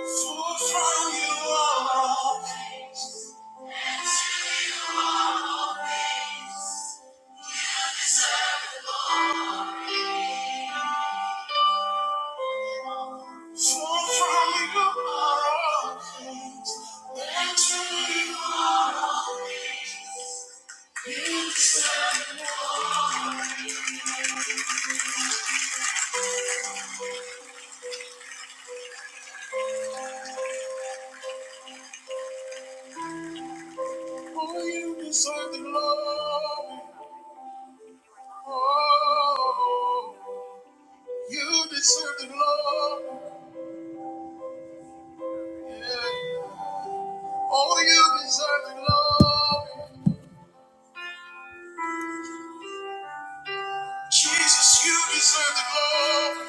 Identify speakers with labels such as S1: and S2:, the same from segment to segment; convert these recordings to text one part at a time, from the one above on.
S1: For from you are all things. For from you are all things. And to you are things. For you deserve the glory. Oh, you deserve the glory. Yeah. Oh, you deserve the glory. Jesus, you deserve the glory.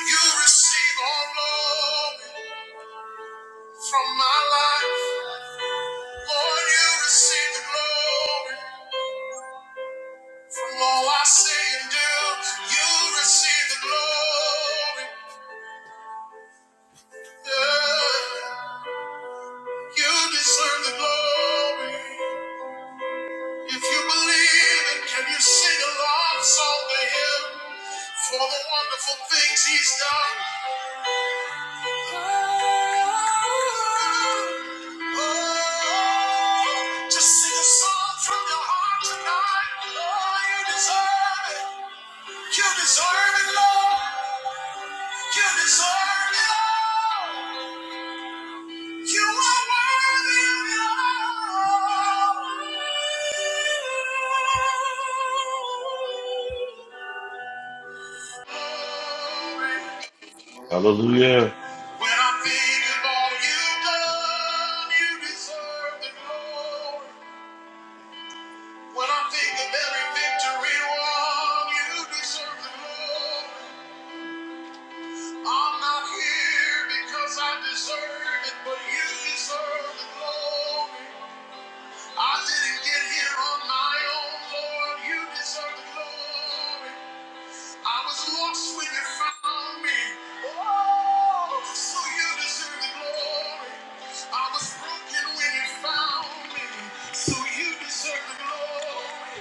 S1: You receive all glory from my life. Lord, you receive the glory from all I say and do. You receive the glory. Yeah. You deserve the glory. If you believe it, can you sing a love song to him for the wonderful things he's done? Just sing a song from your heart tonight. Oh, you deserve it. You deserve it, Lord. You deserve it, all. You are worthy of it all.
S2: Hallelujah.
S1: When I think of all you've done, you deserve the glory. When I think of every victory won, you deserve the glory. I'm not here because I deserve it, but you deserve the glory. I didn't get here on my own, Lord. You deserve the glory. I was lost when you found me. Oh, so you deserve the glory. I was broken when you found me. So you deserve the glory.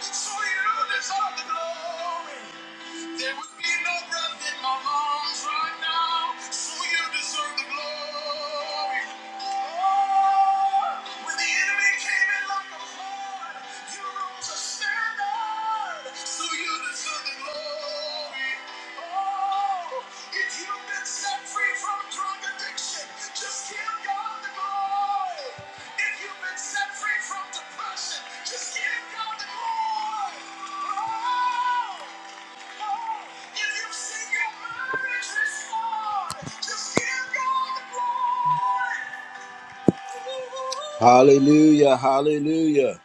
S1: Deserve the glory. There would be no breath in my lungs right now. So you deserve the glory. Oh, when the enemy came in like a flood, you rose a standard. So you deserve the glory. Oh, if you've been set free from drug addiction, just give God the glory. If you've been set free from depression, just give God the glory. Oh. Hallelujah, hallelujah.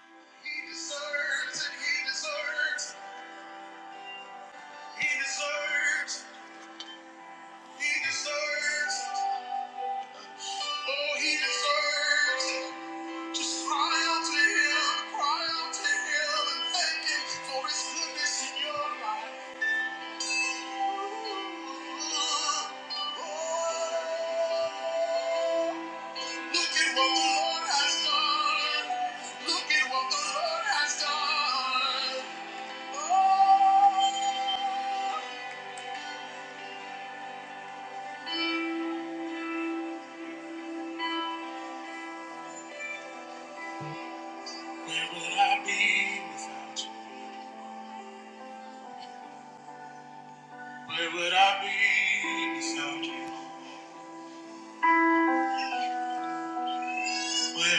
S1: He deserves it, he deserves it, he deserves it, he deserves it. Oh, he deserves it. Just cry out to him, cry out to him and thank him for his goodness in your life. Look at what the Lord has done. Look at what the Lord has done. Oh, where would I be without you? Where would I be without you?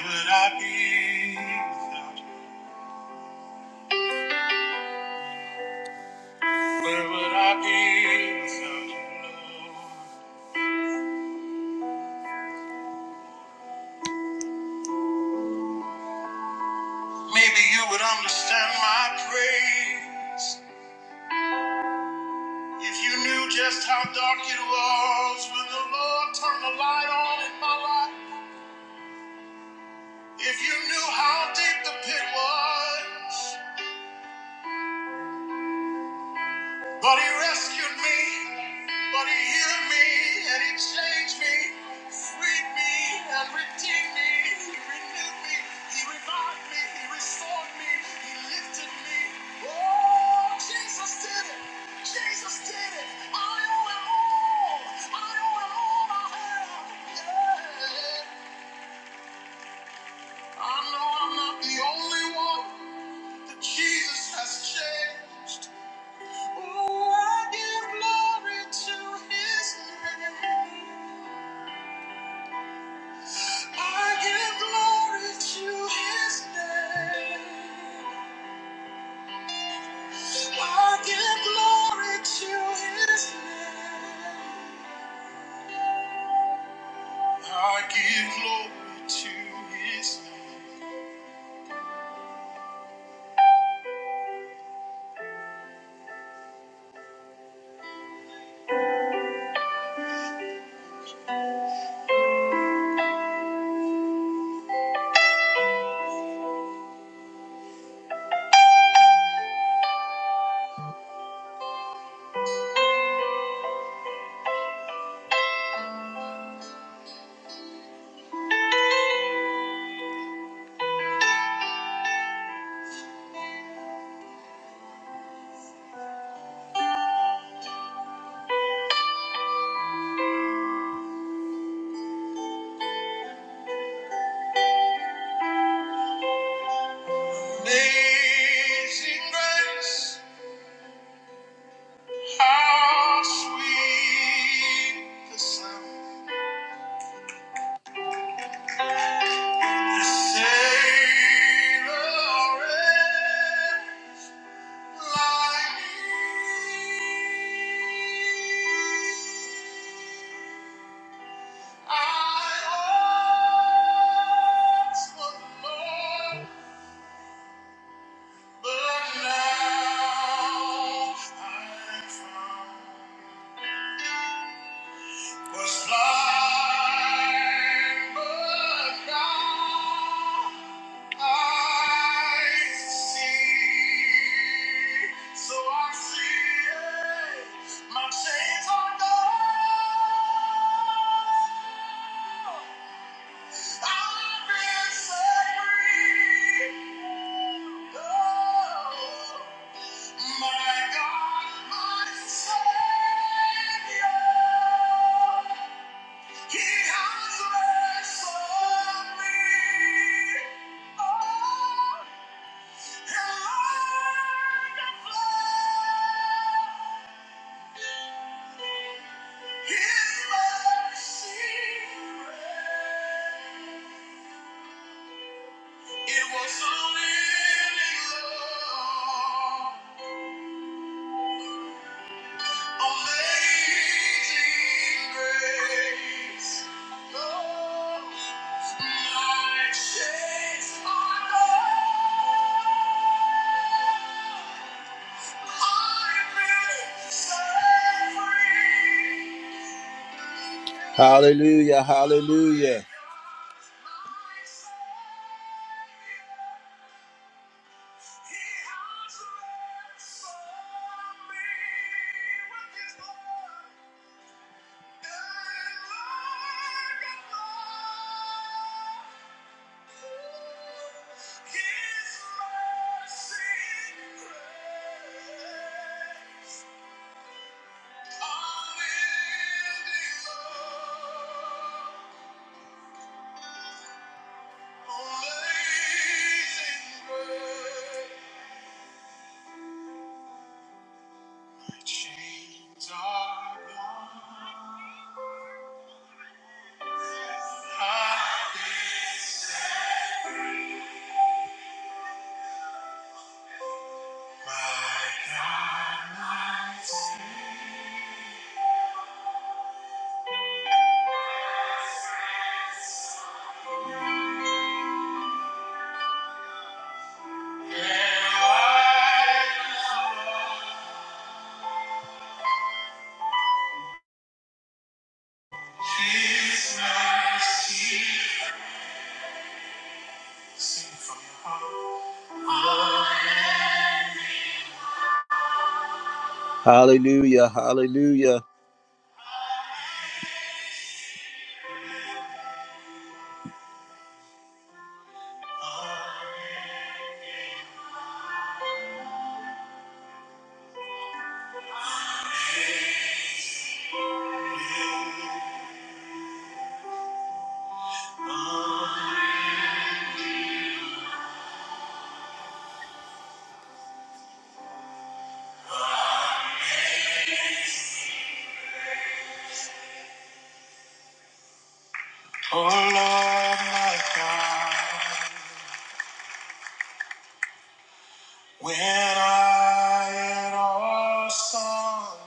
S1: Where would I be without you? Where would I be without you, Lord? Maybe you would understand my praise. If you knew just how dark it was when the Lord turned the light on in my life, if you knew how deep the pit was, But he rescued me, but he healed me, and he changed me, freed me, and redeemed me. He renewed me, he revived me, he restored me, he lifted me. Oh, Jesus did it! Jesus did it! I owe him all! I owe him all I have! Yeah. I know I'm not the only one that Jesus has changed. Oh, I give glory to his name. I give glory to his name. I give glory to his name. I give glory to his name. Amazing grace, how sweet the sound. that Saved a wretch Thank Was blind, but now I see. So I see it. My chains are gone. I've been set free. Oh, my God, my Savior. He has ransomed me. Oh, and like a flood, His mercy rained. It was a living love. oh, Hallelujah, hallelujah. Chains are gone. I've been set. My God, my Hallelujah, hallelujah. Oh Lord my God, when I am awesome.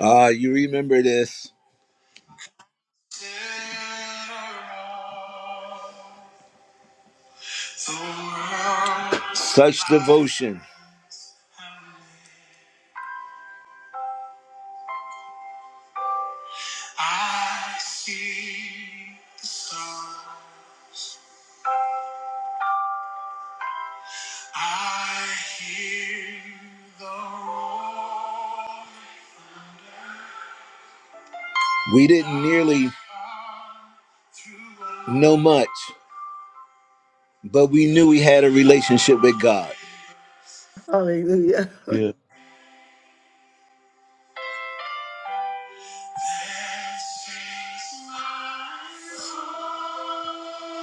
S1: Ah, you remember this. Such devotion. I see the sun. I hear the roar. We didn't nearly know much, but we knew we had a relationship with God.
S3: Hallelujah.
S2: He'll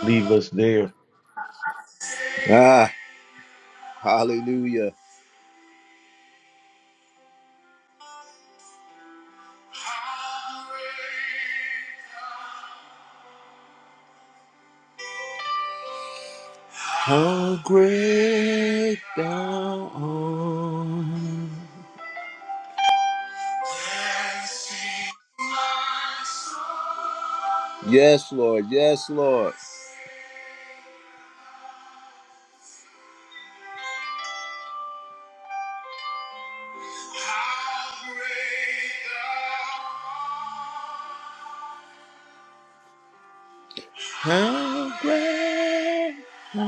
S2: leave us there.
S1: Ah, hallelujah. How great thou art. Yes, Lord. Yes, Lord. How great thou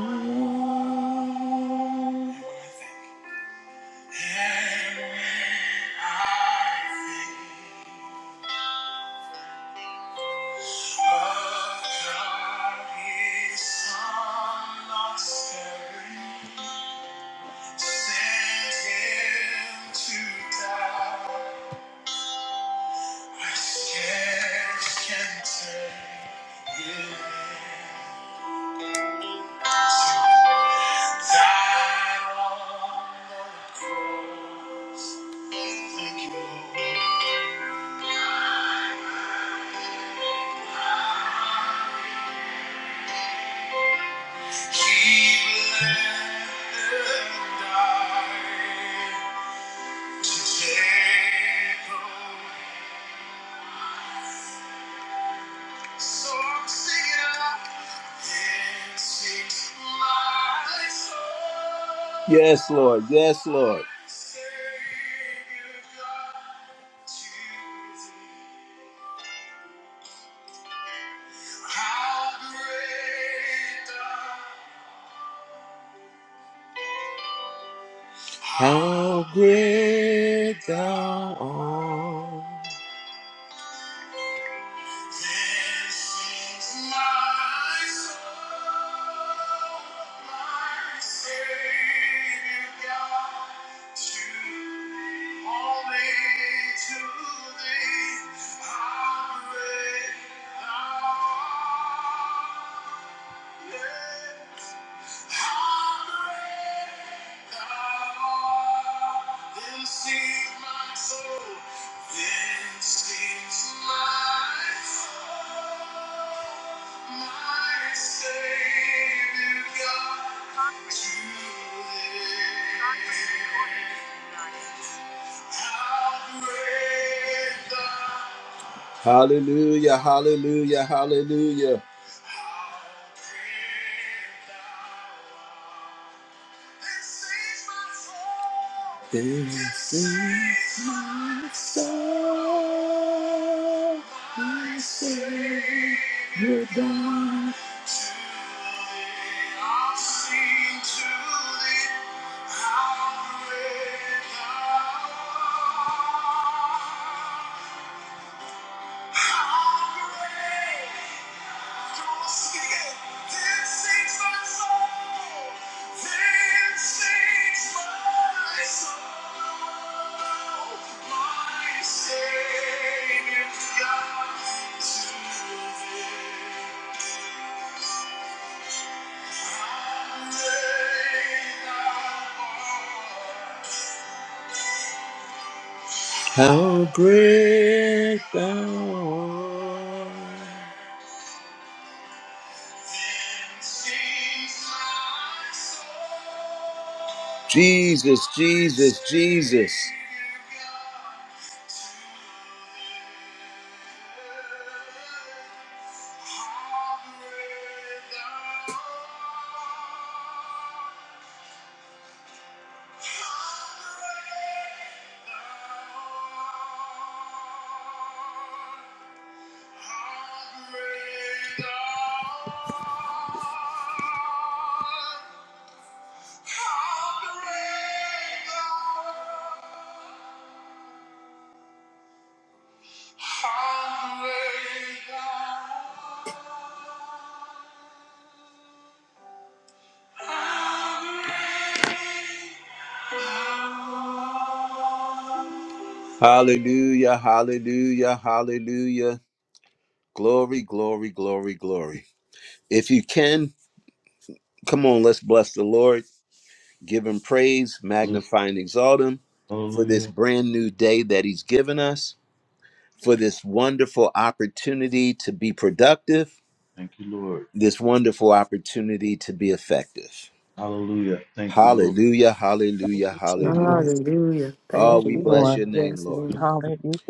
S1: art. I scarce can take it Died on the cross. Thank you, Lord. He bled and died to take away So I'm singing out, yes, my soul. Yes, Lord. Yes, Lord. Savior God, Jesus. How great thou How great thou art. Yeah. How great you. Hallelujah, hallelujah, hallelujah. This is my soul, my Savior God. How great thou art. Jesus, Jesus, Jesus. Hallelujah, hallelujah, hallelujah. Glory, glory, glory, glory. If you can, come on, let's bless the Lord. Give him praise, magnify and exalt him for this
S2: Hallelujah.
S1: brand new day that he's given us. for this wonderful opportunity to be productive,
S2: Thank you, Lord.
S1: this wonderful opportunity to be effective.
S2: Hallelujah. Thank you, Lord.
S1: Hallelujah,
S4: Thank
S1: hallelujah,
S4: you,
S2: You
S1: hallelujah.
S4: Jesus.
S3: Hallelujah.
S1: Oh,
S3: Thank
S4: Thank
S1: we
S3: you,
S4: you,
S1: bless
S3: Lord.
S4: Lord.
S1: your name,
S3: Yes,
S1: Lord.
S3: Lord.
S2: don't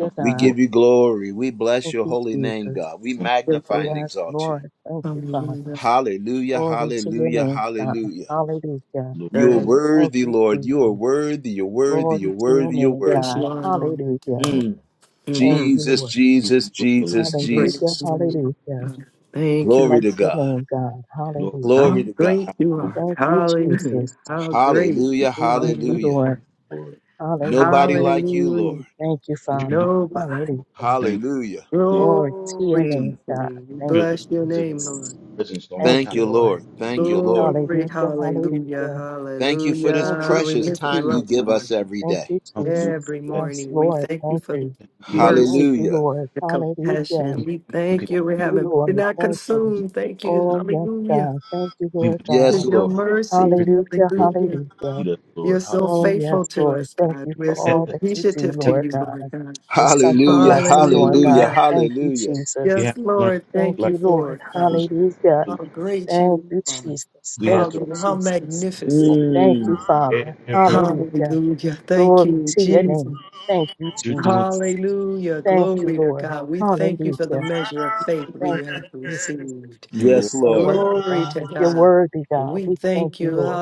S2: have to
S1: We
S4: God.
S2: worry.
S1: give you glory. We bless
S4: Thank
S1: your
S4: you,
S1: holy name,
S4: Jesus.
S1: God. We
S2: Thank
S3: Yes,
S1: magnify and
S3: Lord.
S4: Yes,
S1: exalt you.
S4: Lord. Thank you, Father.
S3: Hallelujah.
S1: Hallelujah,
S4: Glory to your
S1: hallelujah,
S4: name, God.
S1: hallelujah.
S4: Hallelujah.
S2: you, Lord.
S1: You're
S2: Hallelujah.
S3: And
S4: Thank
S1: worthy,
S4: you,
S1: Lord. You are
S4: Jesus.
S1: worthy. You're worthy.
S4: Glory
S1: You're
S4: to your
S1: worthy. You're
S4: name,
S3: Yes,
S1: worthy.
S4: God.
S3: Lord.
S4: Hallelujah.
S1: Mm.
S4: Thank
S3: Mm-hmm.
S4: you,
S1: Jesus,
S4: Lord.
S1: Jesus,
S2: Give us
S1: Jesus,
S2: revelation, Lord.
S3: Praise
S4: Hallelujah.
S1: Jesus.
S3: the
S4: Hallelujah.
S3: Lord. Thank you.
S1: Glory
S4: Bless
S3: Lord.
S1: to
S4: your
S1: God.
S4: name, God.
S2: Lord,
S3: How
S2: thank
S4: Hallelujah.
S1: Glory to
S2: you.
S1: God.
S3: great
S2: for our
S3: you are.
S4: Thank you,
S3: Hallelujah.
S4: Jesus.
S3: How great
S1: Hallelujah,
S3: you are.
S4: Thank you,
S3: Lord.
S1: hallelujah.
S4: Lord.
S3: God.
S2: Lord.
S1: Nobody
S4: Hallelujah.
S1: like you, Lord.
S3: Hallelujah.
S4: Thank you,
S2: What you
S4: Father.
S2: do,
S3: Nobody.
S2: Lord.
S4: Hallelujah.
S2: Thank
S1: Hallelujah.
S2: you. Hallelujah.
S4: Glory to your
S3: Glory to
S1: Mm.
S4: name,
S3: your
S4: God.
S3: name. We
S4: Thank
S2: Feel the,
S4: you,
S3: bless your
S2: the
S3: name,
S4: Jesus.
S3: Lord.
S2: presence all the
S4: Thank
S1: Thank
S2: time.
S4: you,
S1: you,
S4: Lord.
S1: Lord. Thank
S2: Hallelujah.
S1: you, Lord.
S3: Glory.
S4: Hallelujah.
S3: Hallelujah.
S4: Hallelujah.
S1: Thank you for this
S4: Thank
S3: Hallelujah.
S4: you,
S3: We
S1: precious
S3: lift
S4: Jesus.
S1: time
S3: you
S2: You,
S1: you
S3: up,
S1: give
S3: Lord.
S1: us every
S4: Thank
S1: day.
S4: you,
S2: hallelujah.
S4: Jesus.
S3: Every
S4: Yes,
S3: morning, we
S4: Lord.
S3: thank you
S4: Thank
S3: for the
S4: you.
S2: Thank you, Lord.
S4: Thank
S3: mercy,
S4: you,
S1: Hallelujah.
S4: Lord.
S3: the
S4: Hallelujah.
S3: compassion.
S2: Thank you
S3: We
S2: for how you
S3: thank you.
S4: Thank
S3: We
S2: continue
S4: you,
S3: haven't been
S4: Lord.
S3: not
S4: Thank you.
S2: to keep
S3: consumed. Thank
S2: us,
S3: you.
S2: Lord.
S4: Oh, yes,
S3: Hallelujah.
S4: God. Thank you,
S2: We would
S4: Lord
S2: just
S3: For
S4: God.
S1: Yes,
S2: call
S3: your
S1: Lord.
S3: mercy.
S2: here to
S4: Hallelujah.
S2: the door
S3: Hallelujah.
S4: Hallelujah.
S2: lead us,
S3: You're
S2: Lord.
S3: so
S4: Oh,
S2: Hallelujah.
S4: yes,
S3: faithful to
S4: Lord.
S3: us,
S4: Thank
S3: God.
S4: you for
S3: We're
S4: all
S3: so
S2: Yes,
S4: that you do,
S3: appreciative to
S2: yes.
S4: Lord
S3: you,
S4: God.
S3: Lord God.
S4: It's such a
S1: Hallelujah,
S4: blessing, Lord
S1: hallelujah,
S4: God.
S3: Hallelujah.
S4: Thank you,
S1: hallelujah.
S2: We
S4: Jesus.
S2: have
S3: Yes,
S2: to learn to
S3: Lord.
S4: Thank
S3: Thank
S2: think
S3: you
S4: you, Lord.
S3: for it,
S2: like
S3: God.
S4: Hallelujah.
S3: How great
S4: Thank
S3: you
S4: you,
S3: are.
S4: Jesus.
S2: we
S4: Thank
S2: have to
S4: you,
S3: Hallelujah. How
S4: Jesus.
S3: magnificent.
S4: Thank
S1: Mm.
S4: you,
S2: every
S4: Father. Hallelujah.
S3: Hallelujah. Thank
S4: Glory
S3: you,
S4: to your
S3: Jesus.
S4: name. Thank you,
S2: you're doing.
S4: Jesus.
S3: Hallelujah.
S4: Thank
S2: We
S4: you,
S3: Glory to
S4: Lord.
S3: God. We thank you for the
S4: Hallelujah.
S3: measure of faith we
S4: Thank you,
S3: have
S4: Jesus.
S3: received.
S2: thank you,
S4: You're
S2: Lord.
S1: Yes,
S4: so
S1: Lord.
S4: worthy,
S3: Glory
S4: God.
S3: to
S4: You're
S3: God.
S4: worthy, God.
S3: We
S4: We thank
S3: thank
S4: you,
S3: you.
S4: Lord.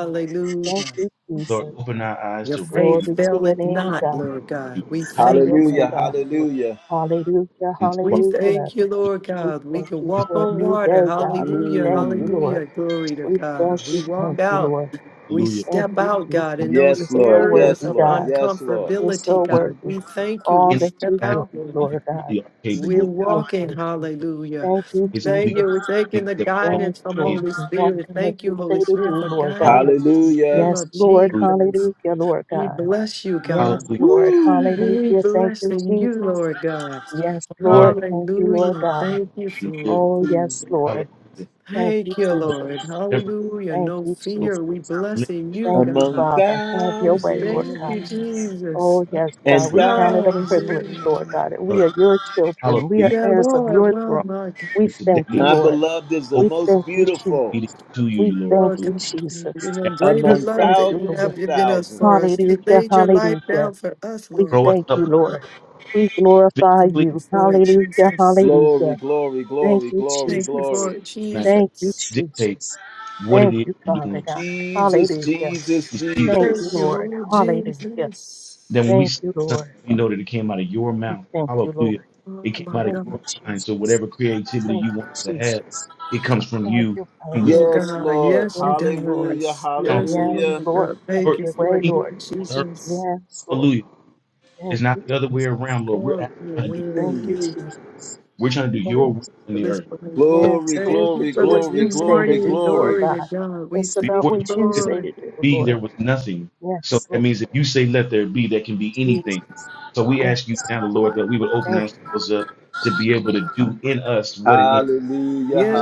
S4: Thank you,
S2: Lord,
S4: Jesus.
S2: open our eyes
S3: Your
S2: to
S4: Glory
S3: faith
S2: recognize
S4: to your
S3: faileth
S4: name,
S3: not,
S4: God.
S3: Lord
S2: you,
S3: God. We
S2: you know,
S4: Have
S3: thank
S2: like,
S4: your
S3: you
S4: way,
S3: for
S1: Hallelujah,
S4: God.
S3: it.
S1: hallelujah.
S4: Hallelujah.
S2: and to
S3: We
S2: walk
S4: Hallelujah.
S3: thank you,
S2: into
S3: Lord
S4: We
S3: God. We
S4: thank
S3: can
S4: you
S2: this
S3: walk
S4: for a
S3: on
S4: new
S3: water.
S4: day, God. We
S3: Hallelujah.
S4: thank you,
S1: Mm.
S4: Lord.
S3: Hallelujah. Glory to
S4: We thank
S3: God. We
S4: you, thank
S3: walk
S4: you,
S3: out.
S4: Lord.
S3: We
S2: hallelujah
S4: Thank
S3: step
S4: you,
S3: out,
S4: Jesus.
S3: God, in those
S4: You're
S1: Yes,
S4: so
S1: Lord.
S3: areas
S1: Yes,
S4: worthy,
S3: of
S1: Lord.
S4: God.
S1: Yes, Lord.
S4: You're
S3: uncomfortability,
S4: so
S2: each
S3: God.
S4: worthy.
S3: We thank you.
S4: All
S3: We
S2: in
S4: that you
S3: step
S4: give,
S3: out,
S2: aspect and
S3: Lord.
S2: you
S4: Lord God.
S2: really are
S3: We're
S4: We
S2: capable.
S4: thank
S3: walking,
S4: you.
S2: So many
S3: hallelujah.
S4: Thank you,
S2: we
S3: Thank
S2: can
S3: you. We're
S4: Jesus.
S2: see
S3: taking
S2: things
S3: the
S2: that we don't
S4: Yes,
S3: guidance from
S4: Lord.
S2: understand.
S3: Holy
S4: We walk
S3: Spirit.
S4: in what
S3: Thank
S4: you
S3: you,
S4: say
S3: Holy
S4: to
S3: Spirit,
S4: do,
S3: for
S4: Lord
S3: guiding
S4: God.
S3: us in the
S1: Hallelujah.
S3: name
S4: Yes,
S3: of
S4: Lord.
S2: Hallelujah.
S3: Jesus.
S4: Hallelujah, Lord
S3: We
S4: God.
S3: bless you, God.
S4: Yes,
S2: Hallelujah.
S4: Lord.
S1: Woo!
S3: We
S4: Hallelujah. Thank
S3: bless
S4: you,
S3: you,
S4: Jesus.
S3: Lord God.
S4: Yes,
S2: More
S4: Lord.
S2: than
S4: Thank you, Lord
S3: Hallelujah.
S4: God.
S3: Thank you
S2: you
S3: for
S2: live.
S3: it.
S4: Oh, yes,
S3: Jesus.
S4: Lord.
S2: Hallelujah.
S4: Thank you,
S3: Thank you,
S2: So
S3: Lord.
S4: Jesus.
S2: whatever it
S3: Hallelujah.
S2: is
S4: Thank
S3: No
S4: you,
S2: that you're doing, Lord,
S4: Jesus.
S3: fear. We
S2: live
S3: blessing
S2: it
S3: you,
S4: Thank you,
S1: Among
S3: God.
S4: Father. Have your
S3: We
S4: way, Lord
S3: thank
S4: God.
S3: you,
S1: thousands
S3: Jesus.
S4: Oh,
S2: by the
S4: yes,
S2: way that
S1: and
S4: God.
S2: you
S4: We
S2: are
S4: count it a privilege,
S3: Hallelujah.
S4: Lord
S1: thousands,
S4: God. that We
S2: done.
S4: are your children. We
S2: Hallelujah.
S4: are
S3: Yeah,
S4: heirs of
S3: Lord,
S4: your
S3: well,
S4: throne.
S3: my God.
S4: We
S2: And
S4: thank you,
S2: today
S1: my
S4: Lord.
S1: beloved is the
S4: We
S2: open
S1: most
S4: thank you,
S2: to be
S1: beautiful
S4: Jesus.
S2: obedient to
S4: We
S2: you,
S4: thank
S3: Lord,
S4: you,
S2: Lord.
S3: God, thank you
S4: Jesus.
S3: You know,
S4: We
S3: greater
S1: among
S3: love
S4: thank
S3: that
S4: you,
S3: you
S1: thousands
S3: have
S4: Lord.
S1: and
S3: given us for
S1: thousands.
S3: us. You
S4: Hallelujah,
S3: laid your life
S4: hallelujah.
S3: down for us,
S4: We
S3: Lord
S2: growing
S3: God.
S4: thank
S2: up
S4: you,
S2: Lord.
S4: Lord. We glorify
S3: Thank
S2: physically
S3: you
S4: you.
S3: for it,
S4: Hallelujah,
S3: Jesus.
S1: Glory,
S4: hallelujah.
S1: glory,
S4: Thank
S1: glory,
S4: you,
S1: glory,
S3: Thank you
S4: Jesus.
S3: for
S1: glory.
S3: it,
S2: not
S4: Thank you,
S3: Jesus.
S2: dictate
S4: Jesus.
S2: what it
S4: Thank
S2: is
S4: you,
S2: you're
S4: Father
S2: doing.
S4: God.
S1: Jesus,
S4: Hallelujah.
S1: Jesus,
S2: It's either
S4: Thank you,
S3: Thank you,
S1: Jesus.
S4: Lord.
S3: Lord
S4: Hallelujah.
S3: Jesus.
S2: then when we
S4: Thank
S2: say
S4: you,
S2: something,
S4: Lord.
S2: we know that it came out of your
S4: We
S2: mouth.
S4: thank you, Lord.
S2: Hallelujah. It
S3: Oh
S2: came
S3: my
S2: out of
S4: Thank
S3: God.
S4: you,
S2: your mind. So
S4: Jesus.
S2: whatever creativity
S4: Thank
S2: you
S4: you,
S2: want to have,
S4: Jesus.
S2: it comes from
S4: Have
S2: you
S4: your way.
S2: and we can
S3: Oh
S1: Yes,
S3: God.
S1: Lord.
S3: Yes, he
S4: Yeah, Lord.
S1: Hallelujah,
S3: does.
S2: sound
S3: Yes,
S4: Yeah,
S3: oh
S1: hallelujah.
S3: my
S4: Lord.
S3: God.
S4: Have
S3: Thank you
S4: your
S2: your
S3: for
S4: way,
S3: it,
S2: kingdom
S4: Lord.
S3: Lord
S2: on earth.
S3: Jesus.
S4: Yes, Lord.
S2: Hallelujah. It's
S4: Thank you,
S2: not the other way
S4: Jesus.
S2: around, Lord. We're
S3: God,
S2: actually
S3: you know,
S2: trying to
S3: we
S2: do
S4: Thank
S3: thank
S4: you,
S1: Mm.
S3: you.
S4: Jesus.
S2: we're trying to do your
S3: Thank
S2: will
S4: Yes,
S3: you
S2: in
S3: for
S2: the
S3: this
S2: earth.
S3: morning.
S2: So
S4: yes,
S1: Glory,
S4: Lord.
S3: Thank
S4: To
S3: you
S1: glory,
S4: do
S3: for
S4: what
S3: this
S1: glory,
S4: you
S3: new
S4: say to
S1: glory,
S3: morning.
S4: do, Lord
S1: glory.
S3: Glory to
S4: God.
S3: God. We
S4: It's about
S2: Before
S3: thank
S4: what
S2: you
S3: you,
S4: you
S2: said
S4: say
S3: Lord.
S4: to do,
S2: be,
S4: Lord.
S2: there was nothing. So
S4: Yes,
S2: that
S4: Lord.
S2: means if you say let there be, there can be
S4: Jesus.
S2: anything. So we ask you
S4: Yes.
S2: now, Lord, that we would open
S4: Thank you.
S2: ourselves up to be
S4: Yes,
S2: able to do in us what it is,
S1: Hallelujah,
S3: Yeah,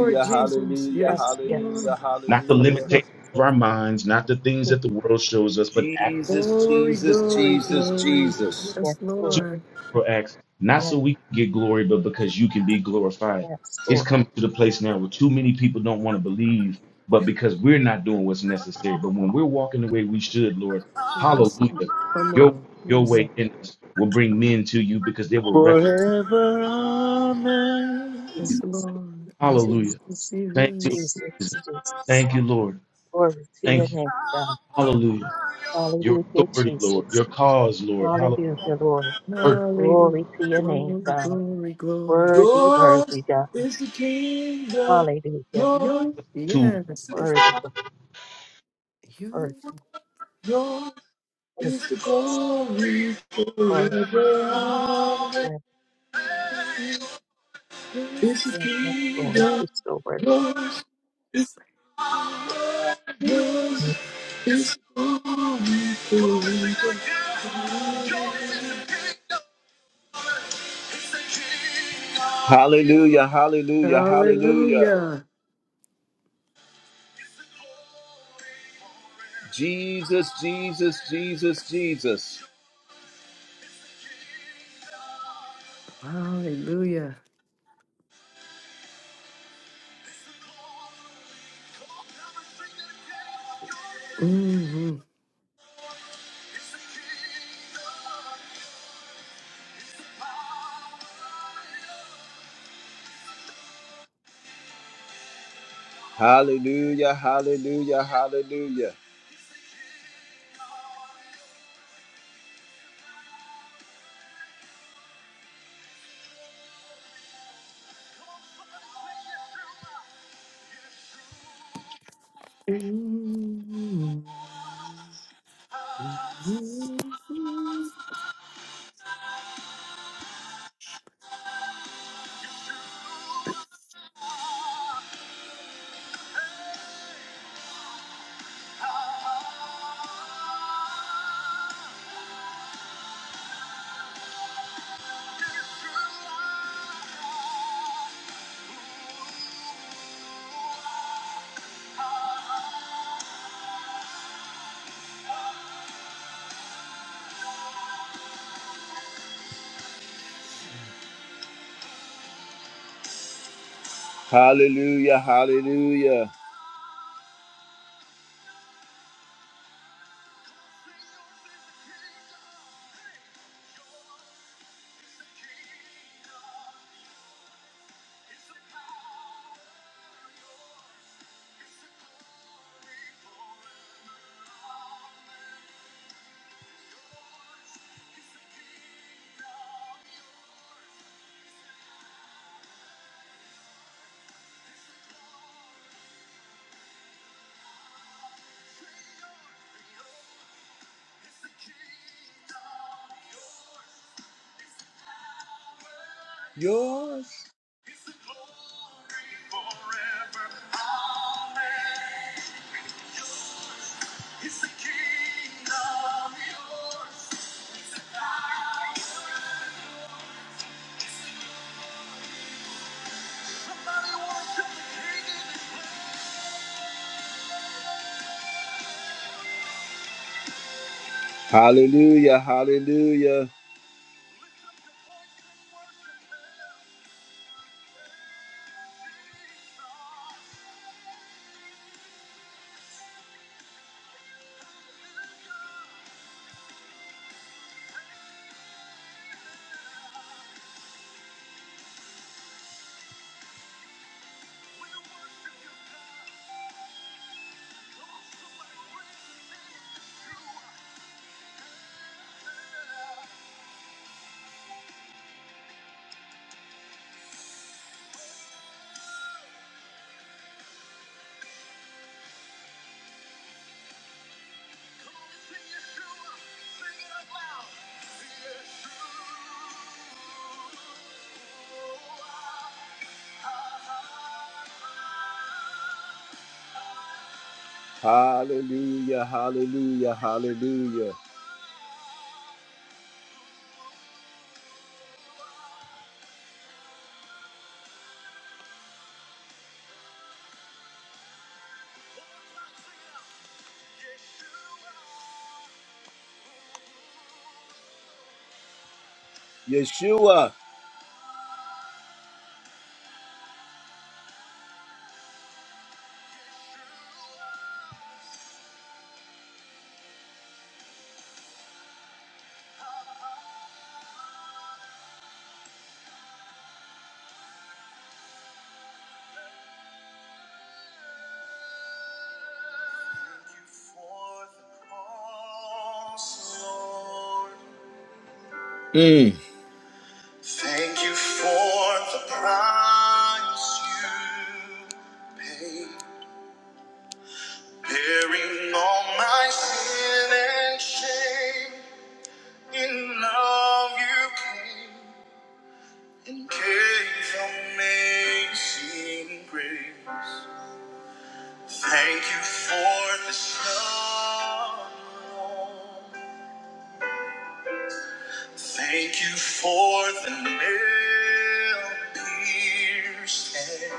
S4: yes,
S3: Jesus.
S1: hallelujah,
S3: Yes,
S4: yes, yes,
S1: hallelujah,
S3: Lord.
S2: not the
S1: hallelujah.
S2: limitations of our minds, not the things
S4: yes,
S2: that the world shows us, but actually.
S1: Jesus,
S3: Glory,
S1: Jesus,
S3: glory,
S1: Jesus,
S3: glory.
S1: Jesus.
S4: yes,
S3: Yes,
S4: Lord.
S3: Lord.
S2: for acts, not so
S4: Yes,
S2: we can get glory, but because you can be glorified.
S4: yes,
S2: It's
S4: Lord.
S2: come to the place now where too many people don't want to believe, but because we're not doing what's necessary. But when we're walking the way we should, Lord,
S3: Yes.
S2: hallelujah.
S3: Come
S2: Your
S3: on.
S2: your
S3: Yes.
S4: Yes,
S2: way in us will bring men to you because they will recognize.
S1: Forever, amen.
S3: Yes,
S4: Jesus.
S3: Lord.
S2: Hallelujah.
S4: Jesus,
S2: Thank you,
S3: Jesus.
S2: Jesus.
S4: Jesus, Jesus.
S2: Thank you, Lord.
S4: Glory to your
S2: Thank you.
S4: name, God.
S2: Hallelujah. Your
S4: Hallelujah,
S2: authority, Lord.
S4: Jesus.
S2: Your cause, Lord. Hallelujah.
S4: Hallelujah, Lord.
S2: Her
S3: Hallelujah.
S4: Glory to your name,
S3: Glory,
S4: God.
S3: glory, glory.
S4: Worthy,
S1: Yours
S4: worthy, God.
S1: is the kingdom,
S4: Hallelujah.
S1: yours
S3: You,
S2: tools.
S3: yes, it's
S4: Worthy, God.
S3: you.
S4: worthy. Thank
S1: is
S4: you,
S1: the
S4: Jesus.
S1: glory.
S4: Glory,
S1: Forever,
S4: yes, yes, yes, Lord.
S1: amen.
S4: You're so worthy.
S1: Yours, yours, It's over. Hallelujah, hallelujah, hallelujah.
S3: Hallelujah.
S1: Jesus, Jesus, Jesus, Jesus.
S3: Hallelujah. Mm-hmm.
S1: Hallelujah, hallelujah, hallelujah.
S3: Mm-hmm.
S1: Hallelujah, hallelujah. Yours. is the glory forever. Amen. Yours is the kingdom. Yours is the power. Hallelujah, hallelujah. Hallelujah, hallelujah, hallelujah. Yeshua. Mm. Thank you for the price you paid, bearing all my sin and shame. In love you came and gave amazing grace. Thank you for the love. Thank you for the nail pierced hands.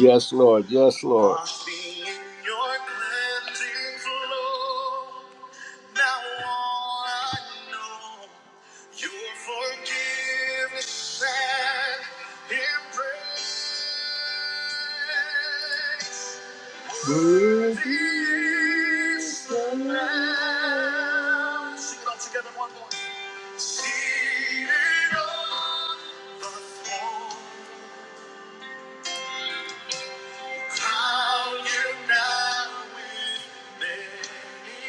S1: Yes, Lord. Yes, Lord. Washing in your cleansing flow. Now all I know, your forgiveness and embrace. Worthy is the Lamb. Sing it all together one more. Seated on the throne, crowned now with many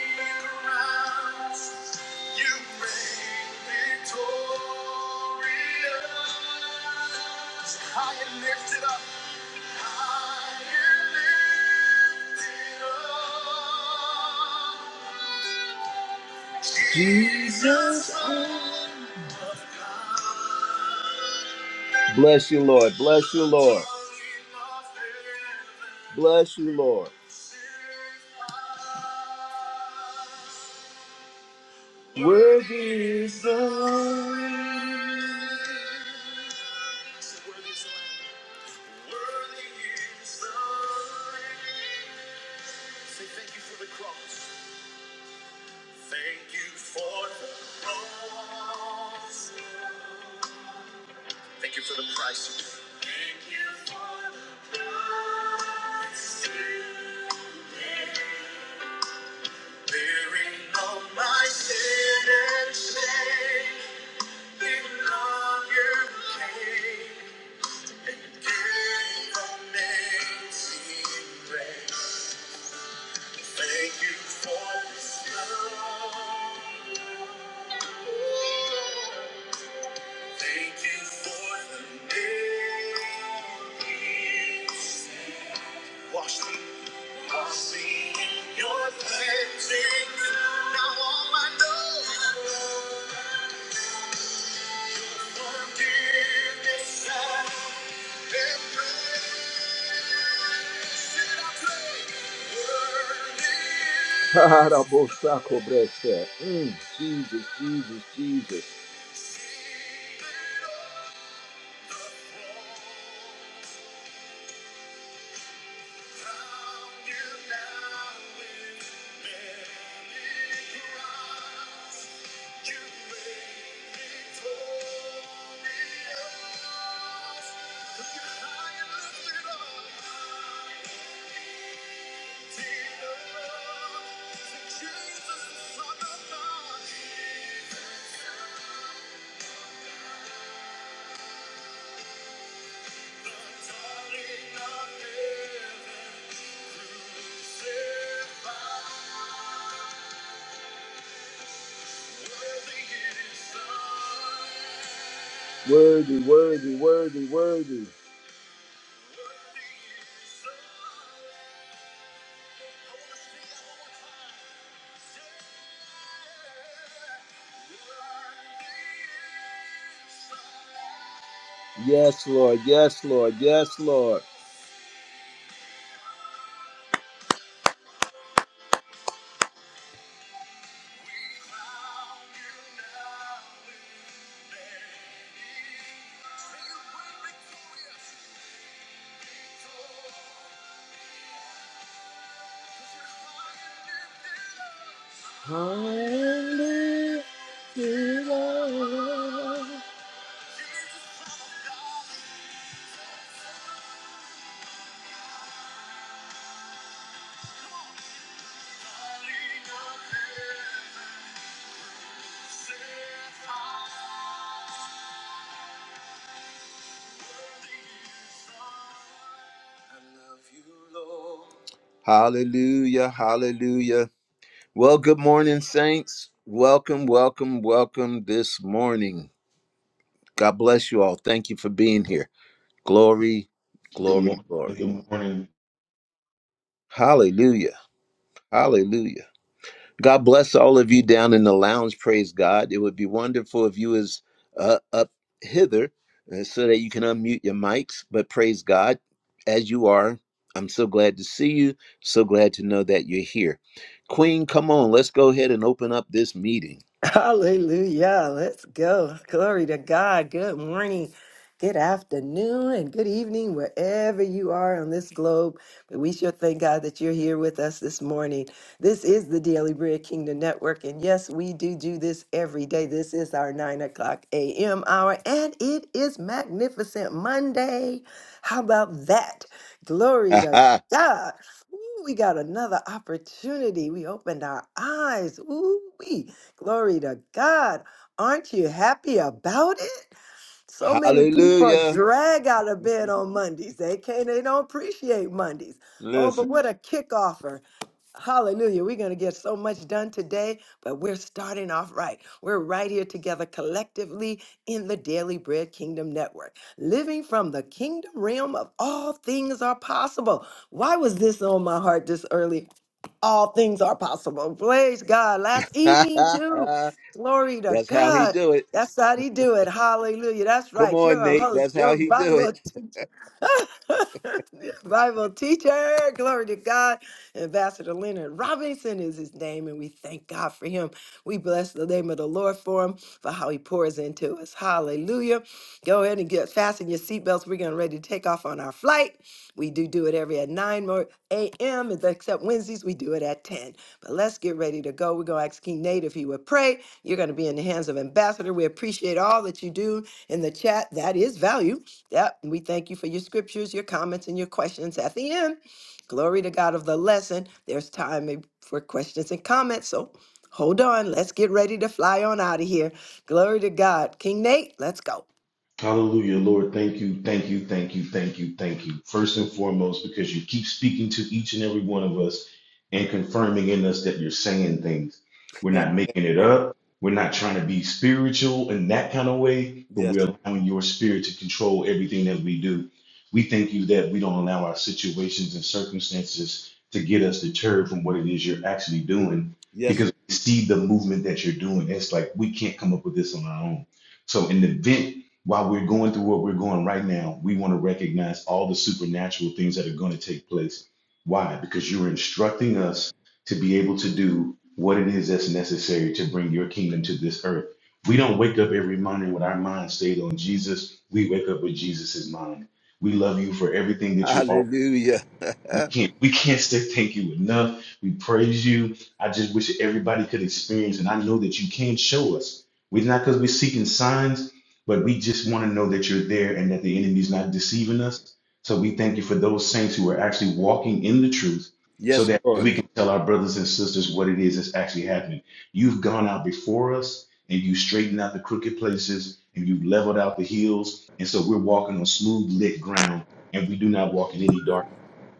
S1: crowns, you reign victorious. High and lifted up, high and lifted up. Jesus, oh Bless you, Lord. Bless you, Lord. Bless you, Lord. Worthy is the Lamb. Thank you for the price you paid. Thank you for the price you paid. Bearing all my sin and shame, in love you came and gave amazing grace. Thank you for this love. Thank you for the days. Wash me, wash me in your cleansing. Now all I know forgiveness and praise. Should I pray? Harabosako brese. Mm, Jesus, Jesus, Jesus. Jesus, the Son of God. Worthy, worthy, worthy, worthy. Yes, Lord. Yes, Lord. Yes, Lord. Hallelujah. Hallelujah, hallelujah. Well, good morning, saints. Welcome, welcome, welcome this morning. God bless you all. Thank you for being here. Glory,
S2: Good
S1: glory,
S2: morning.
S1: glory.
S2: Good morning.
S1: Hallelujah, hallelujah. God bless all of you down in the lounge. Praise God. It would be wonderful if you was uh, up hither uh, so that you can unmute your mics. But praise God, as you are, I'm so glad to see you. So glad to know that you're here. Queen, come on. Let's go ahead and open up this meeting.
S3: Hallelujah. Let's go. Glory to God. Good morning, good afternoon, and good evening, wherever you are on this globe. But we sure thank God that you're here with us this morning. This is the Daily Bread Kingdom Network. And yes, we do do this every day. This is our 9 o'clock a.m. hour, and it is Magnificent Monday. How about that? Glory to
S1: Aha.
S3: God. Ooh, we got another opportunity. We opened our eyes. Ooh, Glory to God. Aren't you happy about it? So many people are
S1: Hallelujah.
S3: drag out of bed on Mondays. They can't, they don't appreciate Mondays. Oh,
S1: Listen.
S3: but what a kick offer. Hallelujah. We're going to get so much done today, but we're starting off right. We're right here together collectively in the Daily Bread Kingdom Network, living from the kingdom realm of all things are possible. Why was this on my heart this early? all things are possible. Praise God. Last
S1: That's
S3: evening, too. Glory to
S1: how he
S3: God.
S1: do it.
S3: That's how He do it. Hallelujah. That's
S1: Come
S3: right. You're
S1: on,
S3: a
S1: Nate.
S3: host.
S1: That's
S3: You're
S1: how
S3: a
S1: he do
S3: Bible. Bible teacher, glory to God. Ambassador Leonard Robinson is his name, and we thank God for him. We bless the name of the Lord for him, for how he pours into us. Hallelujah. Go ahead and get fasten your seatbelts. We're getting ready to take off on our flight. We do do it every at 9 more a.m., except Wednesdays, we do it at 10. But let's get ready to go. We're going to ask King Nate if he would pray. You're going to be in the hands of Ambassador. We appreciate all that you do in the chat. That is value. Yep. We thank you for your scriptures, your comments, and your questions at the end. Glory to God of the lesson. There's time for questions and comments. So hold on. Let's get ready to fly on out of here. Glory to God. King Nate, let's go.
S2: Hallelujah, Lord. Thank you, thank you, thank you, thank you, thank you. First and foremost, because you keep speaking to each and every one of us and confirming in us that you're saying things. We're
S1: it.
S2: not making it up. We're not trying to be spiritual in that kind of way, but
S1: yes.
S2: we're allowing your spirit to control everything that we do. We thank you that we don't allow our situations and circumstances to get us deterred from what it is you're actually doing
S1: Yes.
S2: because we see the movement that you're doing. It's like we can't come up with this on our own. So, in the event while we're going through what we're going right now, we want to recognize all the supernatural things that are going to take place. Why? Because you're instructing us to be able to do what it is that's necessary to bring your kingdom to this earth. We don't wake up every morning with our mind stayed on Jesus. We wake up with Jesus's mind. We love you for everything that you are.
S1: Hallelujah.
S2: We can't we can't say thank you enough. We praise you. I just wish everybody could experience, and I know that you can show us. We're not because we're seeking signs, but we just want to know that you're there and that the enemy's not deceiving us. So we thank you for those saints who are actually walking in the truth so
S1: yes,
S2: that
S1: Lord.
S2: we can tell our brothers and sisters what it is that's actually happening. You've gone out before us and you straightened out the crooked places and you've leveled out the hills. And so we're walking on smooth lit ground and we do not walk in any darkness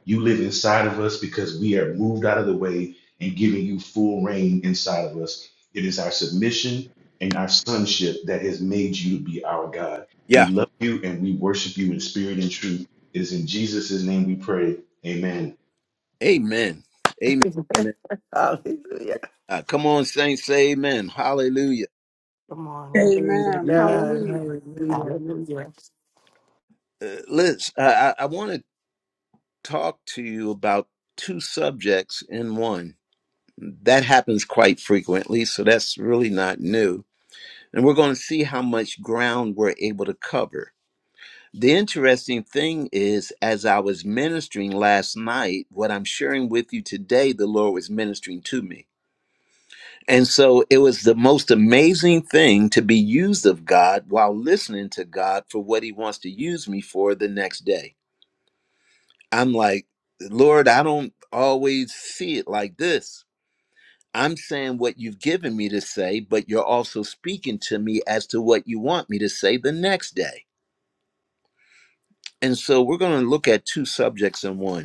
S2: you live inside of us because we are moved out of the way and giving you full reign inside of us. It is our submission and our sonship that has made you to be our God.
S1: Yeah.
S2: We love you and we worship you in spirit and truth. It is in Jesus' name we pray. Amen.
S1: Amen. Amen. Amen.
S3: Hallelujah.
S1: Uh, come on, saints, say amen. Hallelujah.
S5: Good morning.
S3: Glory to
S6: Amen.
S3: God.
S5: Amen.
S6: Hallelujah.
S3: Hallelujah.
S5: Hallelujah.
S1: Uh, Liz, I, I I want to talk to you about two subjects in one. That happens quite frequently, so that's really not new. And we're going to see how much ground we're able to cover. The interesting thing is, as I was ministering last night, what I'm sharing with you today, the Lord was ministering to me. And so it was the most amazing thing to be used of God while listening to God for what he wants to use me for the next day. I'm like, Lord, I don't always see it like this. I'm saying what you've given me to say, but you're also speaking to me as to what you want me to say the next day. And so we're going to look at two subjects in one.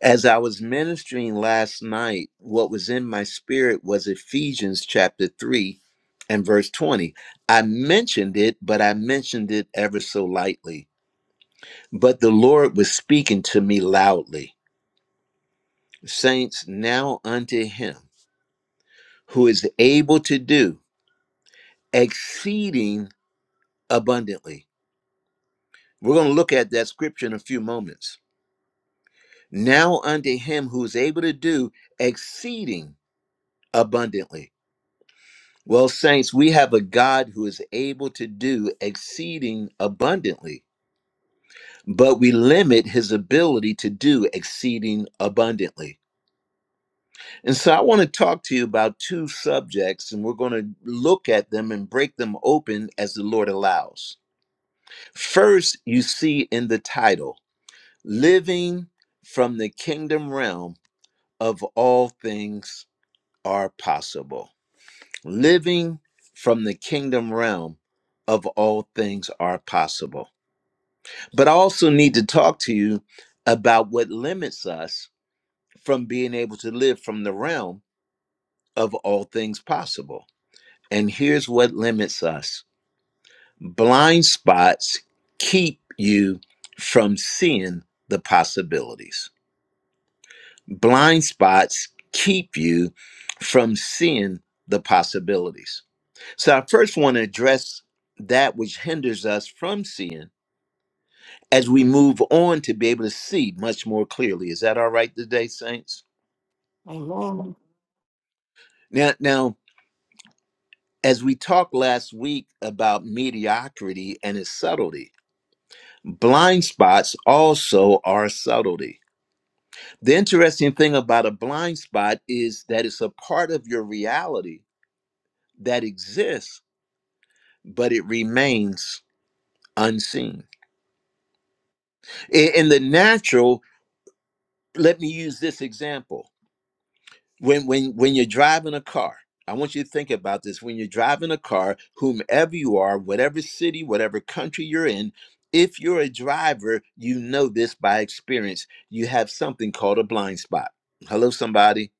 S1: As I was ministering last night, what was in my spirit was Ephesians chapter 3 and verse 20. I mentioned it, but I mentioned it ever so lightly. But the Lord was speaking to me loudly. Saints, now unto him who is able to do exceeding abundantly. We're going to look at that scripture in a few moments. Now unto him who is able to do exceeding abundantly Well, saints, we have a God who is able to do exceeding abundantly, but we limit his ability to do exceeding abundantly. And so I want to talk to you about two subjects, and we're going to look at them and break them open as the Lord allows. First, you see in the title, Living from the Kingdom Realm of All Things Are Possible. living from the kingdom realm of all things are possible. But I also need to talk to you about what limits us from being able to live from the realm of all things possible. And here's what limits us blind spots keep you from seeing the possibilities. Blind spots keep you from seeing the possibilities So I first want to address that which hinders us from seeing as we move on to be able to see much more clearly. Is that all right today, Saints?
S5: Amen.
S1: Now now, as we talked last week about mediocrity and its subtlety, blind spots also are subtlety. The interesting thing about a blind spot is that it's a part of your reality that exists, but it remains unseen. I- In the natural, let me use this example when when when you're driving a car i want you to think about this when you're driving a car whomever you are whatever city whatever country you're in if you're a driver you know this by experience you have something called a blind spot hello somebody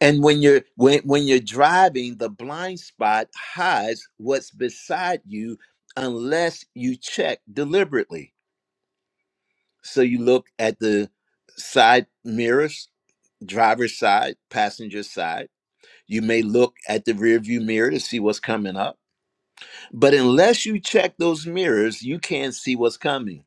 S1: and when you're when when you're driving the blind spot hides what's beside you unless you check deliberately so you look at the side mirrors driver's side passenger side You may look at the rearview mirror to see what's coming up, but unless you check those mirrors, you can't see what's coming.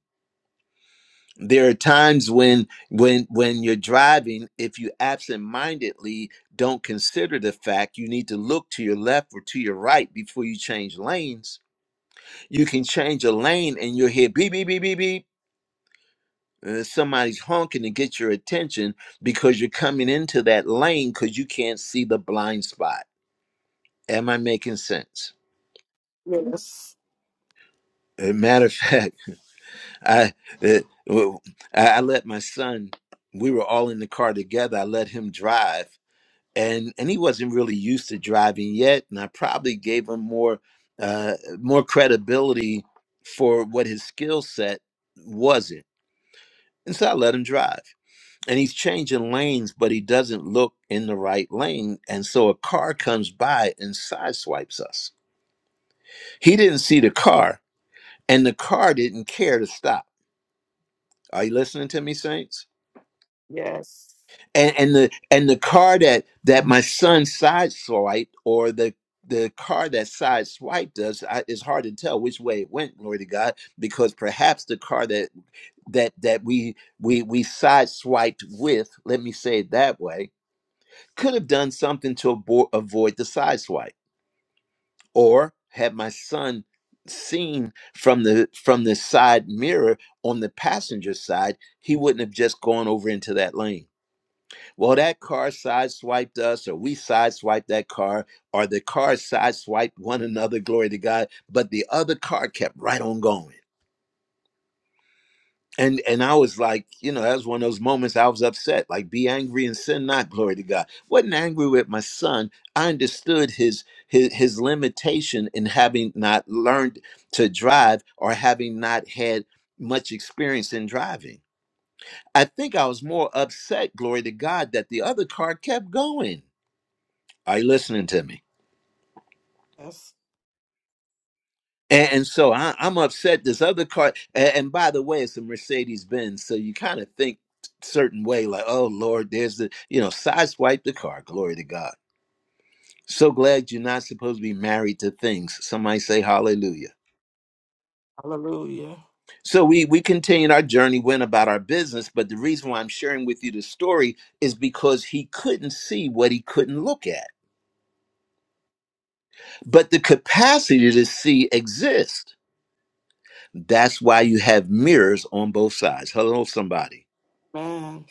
S1: There are times when when when you're driving, if you absent-mindedly don't consider the fact you need to look to your left or to your right before you change lanes, you can change a lane and you'll hear beep beep beep beep beep. and somebody's honking to get your attention because you're coming into that lane because you can't see the blind spot. Am I making sense?
S5: Yes.
S1: As a matter of fact. I, uh, well, I I let my son. We were all in the car together. I let him drive, and and he wasn't really used to driving yet. And I probably gave him more uh, more credibility for what his skill set wasn't. And so I let him drive. And he's changing lanes, but he doesn't look in the right lane. And so a car comes by and sideswipes us. He didn't see the car, and the car didn't care to stop. Are you listening to me, Saints?
S5: Yes.
S1: and and the and the car that that my son side swiped or the the car that side swiped us I, it's hard to tell which way it went glory to god because perhaps the car that that that we we we side swiped with let me say it that way could have done something to avo- avoid the side swipe or had my son seen from the from the side mirror on the passenger side he wouldn't have just gone over into that lane well, that car sideswiped us, or we sideswiped that car, or the car sideswiped one another, glory to God. But the other car kept right on going. And and I was like, you know, that was one of those moments I was upset. Like, be angry and sin not, glory to God. Wasn't angry with my son. I understood his his his limitation in having not learned to drive or having not had much experience in driving. I think I was more upset, glory to God, that the other car kept going Are you listening to me?
S5: Yes.
S1: And, and so I, I'm upset. This other car, and, and by the way, it's a Mercedes Benz, so you kind of think certain way, like, oh Lord, there's the you know, sideswipe the car. Glory to God. So glad you're not supposed to be married to things. Somebody say hallelujah.
S5: Hallelujah.
S1: So we we continued our journey, went about our business, but the reason why I'm sharing with you the story is because he couldn't see what he couldn't look at. But the capacity to see exists. That's why you have mirrors on both sides. Hello, somebody.
S5: Man.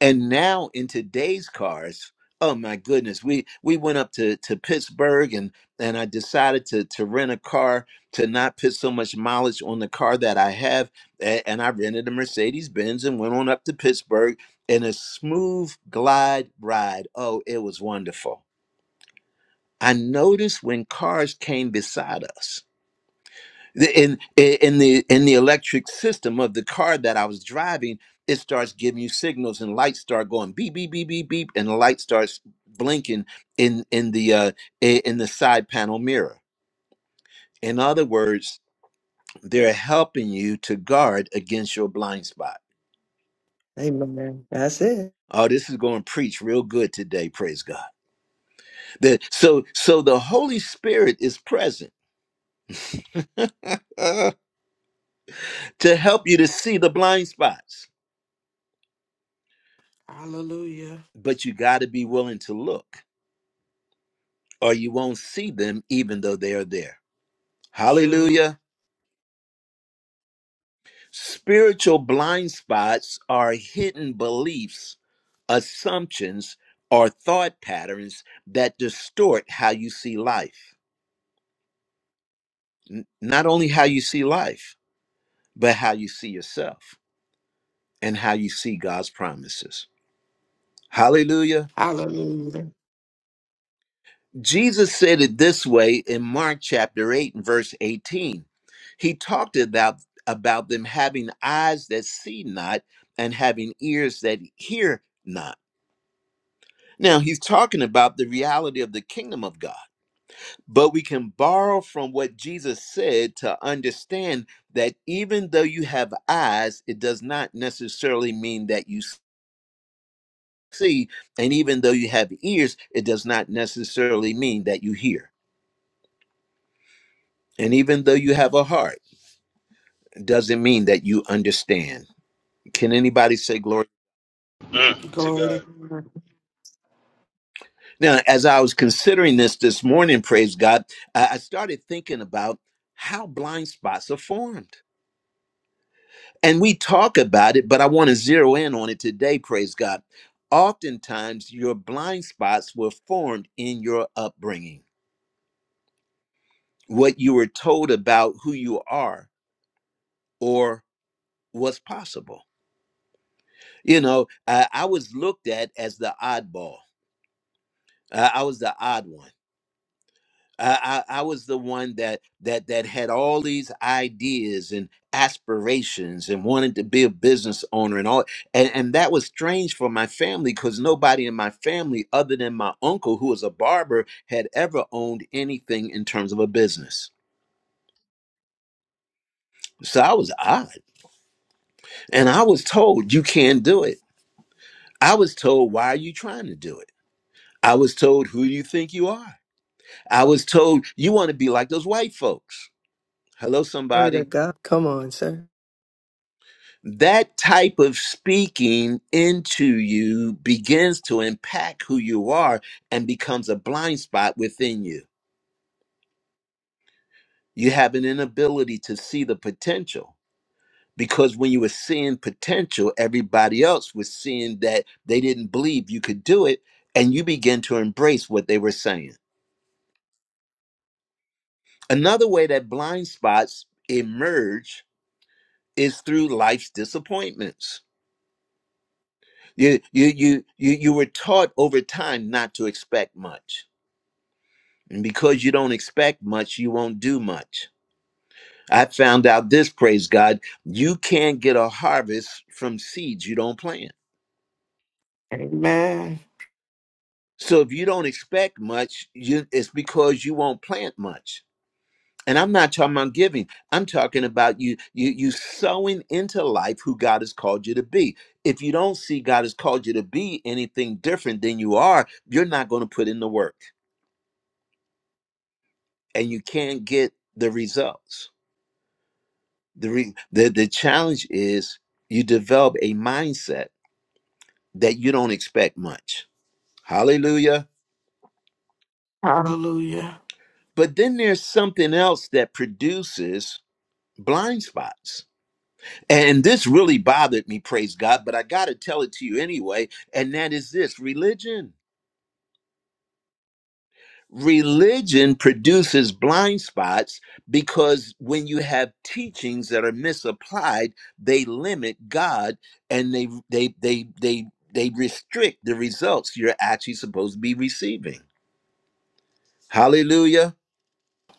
S1: And now in today's cars, oh my goodness, we we went up to to Pittsburgh and and I decided to to rent a car to not put so much mileage on the car that I have, and, and I rented a Mercedes Benz and went on up to Pittsburgh in a smooth glide ride. Oh, it was wonderful. I noticed when cars came beside us The- in in the in the electric system of the car that I was driving, it starts giving you signals and lights start going beep beep beep beep beep, and the light starts blinking in in the uh, i- in the side panel mirror. In other words, they're helping you to guard against your blind spot.
S3: Amen. That's it.
S1: Oh, this is going to preach real good today. Praise God. The, so so the Holy Spirit is present to help you to see the blind spots,
S5: Hallelujah.
S1: but you got to be willing to look. or you won't see them even though they are there.
S5: True.
S1: Hallelujah. Spiritual blind spots are hidden beliefs, assumptions, or thought patterns that distort how you see life. N- Not only how you see life, but how you see yourself and how you see God's promises. Hallelujah.
S5: Hallelujah.
S1: Jesus said it this way in Mark chapter 8 and verse 18. He talked about, about them having eyes that see not and having ears that hear not. Now, he's talking about the reality of the kingdom of God, but we can borrow from what Jesus said to understand that even though you have eyes, it does not necessarily mean that you see, and even though you have ears, it does not necessarily mean that you hear. And even though you have a heart, doesn't mean that you understand. Can anybody say glory?
S2: Mm, to
S5: Glory to
S2: God.
S5: God.
S1: Now, as I was considering this this morning, praise God, I I started thinking about how blind spots are formed. And we talk about it, but I want to zero in on it today, praise God. Oftentimes, your blind spots were formed in your upbringing, what you were told about who you are or what's possible. You know, I, I was looked at as the oddball, I I was the odd one I, I I was the one that that that had all these ideas and aspirations and wanted to be a business owner and all and, and that was strange for my family because nobody in my family other than my uncle who was a barber had ever owned anything in terms of a business. So I was odd. And I was told you can't do it. I was told why are you trying to do it? I was told who do you think you are? I was told you want to be like those white folks. Hello,
S3: Glory to
S1: somebody.
S3: God. Come on, sir.
S1: that type of speaking into you begins to impact who you are and becomes a blind spot within you. You have an inability to see the potential because when you were seeing potential, everybody else was seeing that they didn't believe you could do it, and you begin to embrace what they were saying. Another way that blind spots emerge is through life's disappointments. You you you you you were taught over time not to expect much And because you don't expect much, you won't do much. I found out this, praise God, you can't get a harvest from seeds you don't plant.
S5: Amen.
S1: So if you don't expect much, you, it's because you won't plant much. And I'm not talking about giving. I'm talking about you, you, you sowing into life who God has called you to be. If you don't see God has called you to be anything different than you are, you're not going to put in the work, and you can't get the results. The, re- the the challenge is you develop a mindset that you don't expect much. Hallelujah.
S5: Hallelujah.
S1: But then there's something else that produces blind spots. And this really bothered me, praise God, but I got to tell it to you anyway, and that is this religion. Religion produces blind spots because when you have teachings that are misapplied, they limit God and they they they they they restrict the results you're actually supposed to be receiving. Hallelujah.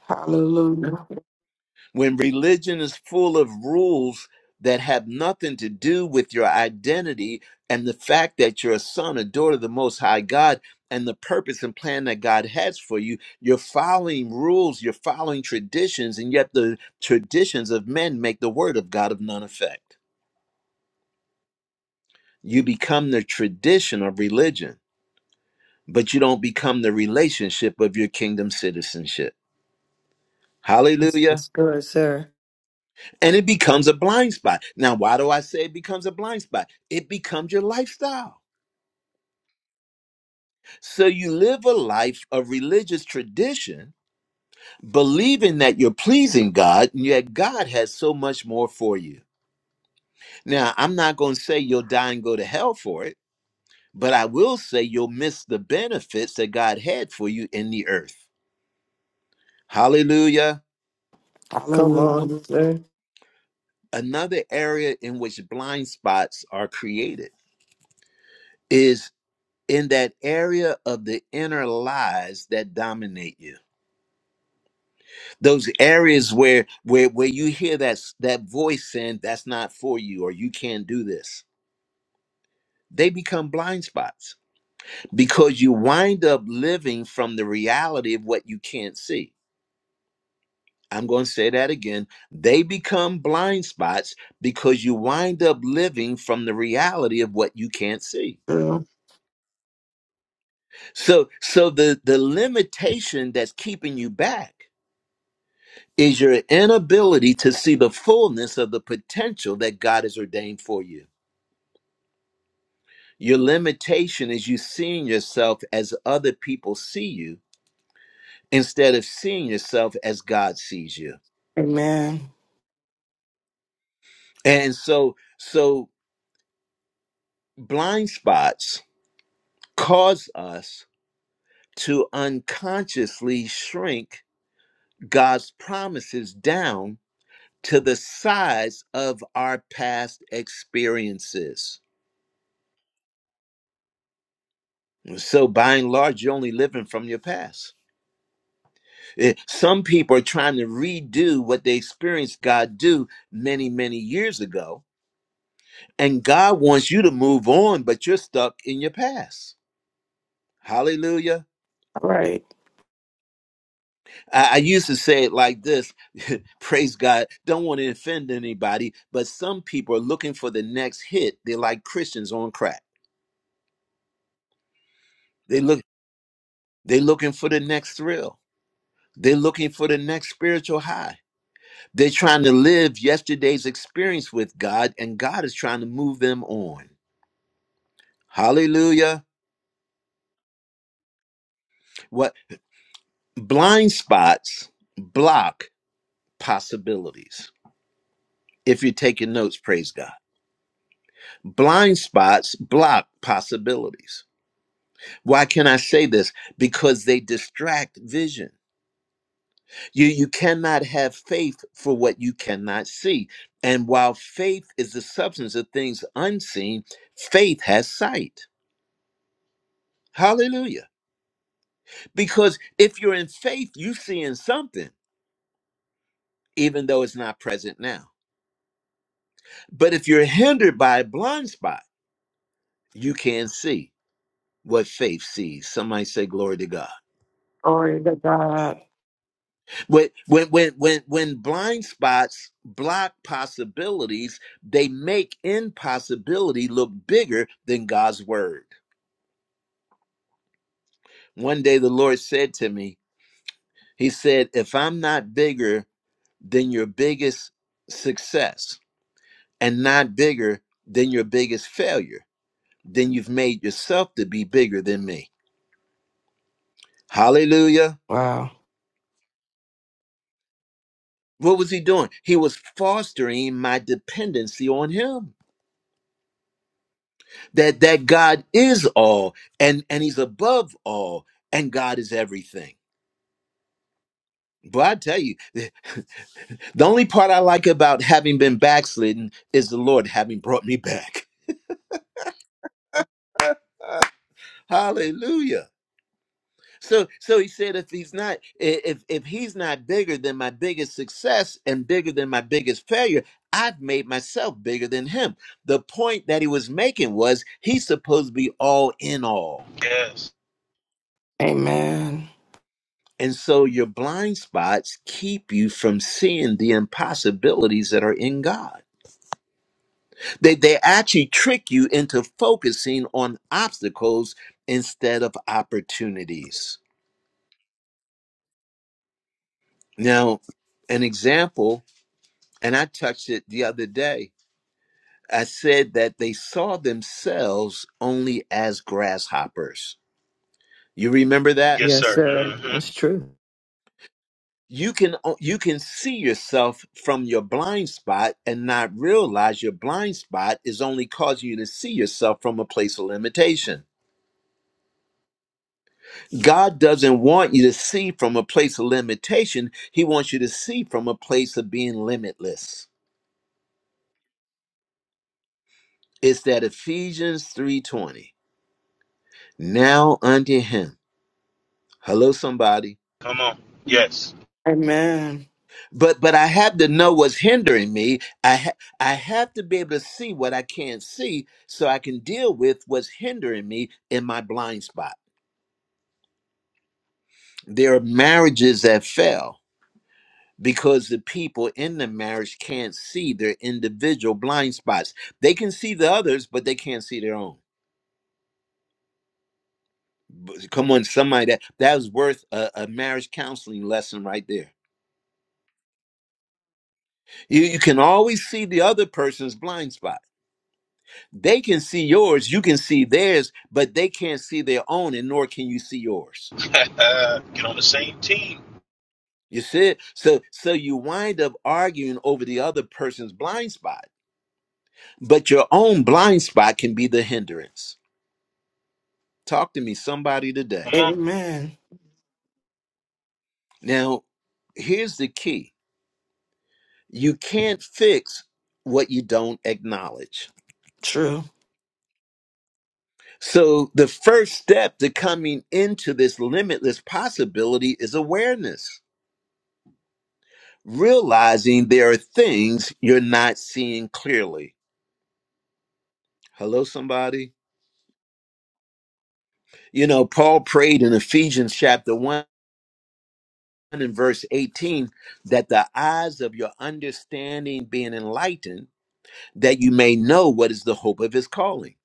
S5: Hallelujah.
S1: When religion is full of rules that have nothing to do with your identity and the fact that you're a son, a daughter of the Most High God, and the purpose and plan that God has for you, you're following rules, you're following traditions, and yet the traditions of men make the word of God of none effect. You become the tradition of religion, but you don't become the relationship of your kingdom citizenship.
S3: This
S1: Hallelujah.
S3: is good, sir.
S1: and it becomes a blind spot. Now, why do I say it becomes a blind spot? It becomes your lifestyle. So you live a life of religious tradition, believing that you're pleasing God, and yet God has so much more for you. Now, I'm not going to say you'll die and go to hell for it, but I will say you'll miss the benefits that God had for you in the earth. Hallelujah.
S3: Come on,
S5: Hallelujah.
S3: sir.
S1: Another area in which blind spots are created is. in that area of the inner lies that dominate you those areas where where where you hear that s- that voice saying that's not for you or you can't do this they become blind spots because you wind up living from the reality of what you can't see i'm going to say that again they become blind spots because you wind up living from the reality of what you can't see
S5: True.
S1: so so the the limitation that's keeping you back is your inability to see the fullness of the potential that God has ordained for you. Your limitation is you seeing yourself as other people see you instead of seeing yourself as God sees you.
S5: Amen.
S1: And so so blind spots cause us to unconsciously shrink God's promises down to the size of our past experiences. So by and large you're only living from your past Eh, Some people are trying to redo what they experienced God do many, many years ago. And God wants you to move on, but you're stuck in your past. Hallelujah.
S5: All right.
S1: I, I used to say it like this praise God. Don't want to offend anybody, but some people are looking for the next hit. They're like Christians on crack. They look they're looking for the next thrill. They're looking for the next spiritual high. They're trying to live yesterday's experience with God, and God is trying to move them on. Hallelujah. What blind spots block possibilities. If you're taking notes, praise God. Blind spots block possibilities. Why can I say this? Because they distract vision. You you cannot have faith for what you cannot see. And while faith is the substance of things unseen, faith has sight. Hallelujah. Because if you're in faith, you see in something, even though it's not present now. But if you're hindered by a blind spot, you can't see what faith sees. Somebody say glory to God.
S5: Glory to God.
S1: When when when when, when blind spots block possibilities, they make impossibility look bigger than God's word. One day the Lord said to me, He said, If I'm not bigger than your biggest success and not bigger than your biggest failure, then you've made yourself to be bigger than me. Hallelujah.
S5: Wow.
S1: What was he doing? He was fostering my dependency on him. That that God is all and and he's above all and God is everything. But I tell you, the only part I like about having been backslidden is the Lord having brought me back. Hallelujah. So so he said if he's not i- if if he's not bigger than my biggest success and bigger than my biggest failure, I've made myself bigger than him. The point that he was making was he's supposed to be all in all.
S2: Yes.
S5: Amen.
S1: And so your blind spots keep you from seeing the impossibilities that are in God. They they actually trick you into focusing on obstacles instead of opportunities. Now, an example, and I touched it the other day I said that they saw themselves only as grasshoppers. You remember that?
S2: Yes,
S3: Yes,
S2: sir.
S3: sir.
S2: hmm
S3: That's true.
S1: You can you can see yourself from your blind spot and not realize your blind spot is only causing you to see yourself from a place of limitation. God doesn't want you to see from a place of limitation. He wants you to see from a place of being limitless. It's that Ephesians 3:20. Now unto him. Hello somebody
S2: Come on. Yes.
S5: Amen.
S1: but but I have to know what's hindering me. I ha- I have to be able to see what I can't see, so I can deal with what's hindering me in my blind spot. There are marriages that fail because the people in the marriage can't see their individual blind spots. They can see the others, but they can't see their own. Come on, somebody that that was worth a, a marriage counseling lesson right there. You you can always see the other person's blind spot They can see yours, you can see theirs, but they can't see their own, and nor can you see yours.
S2: Get on the same team.
S1: You see it? So so you wind up arguing over the other person's blind spot, but your own blind spot can be the hindrance. Talk to me, somebody today.
S2: Come on.
S5: Amen.
S1: Now, here's the key. You can't fix what you don't acknowledge.
S5: True.
S1: So the first step to coming into this limitless possibility is awareness. realizing there are things you're not seeing clearly. Hello, somebody. You know, Paul prayed in Ephesians chapter 1 and verse 18 that the eyes of your understanding being enlightened, that you may know what is the hope of his calling.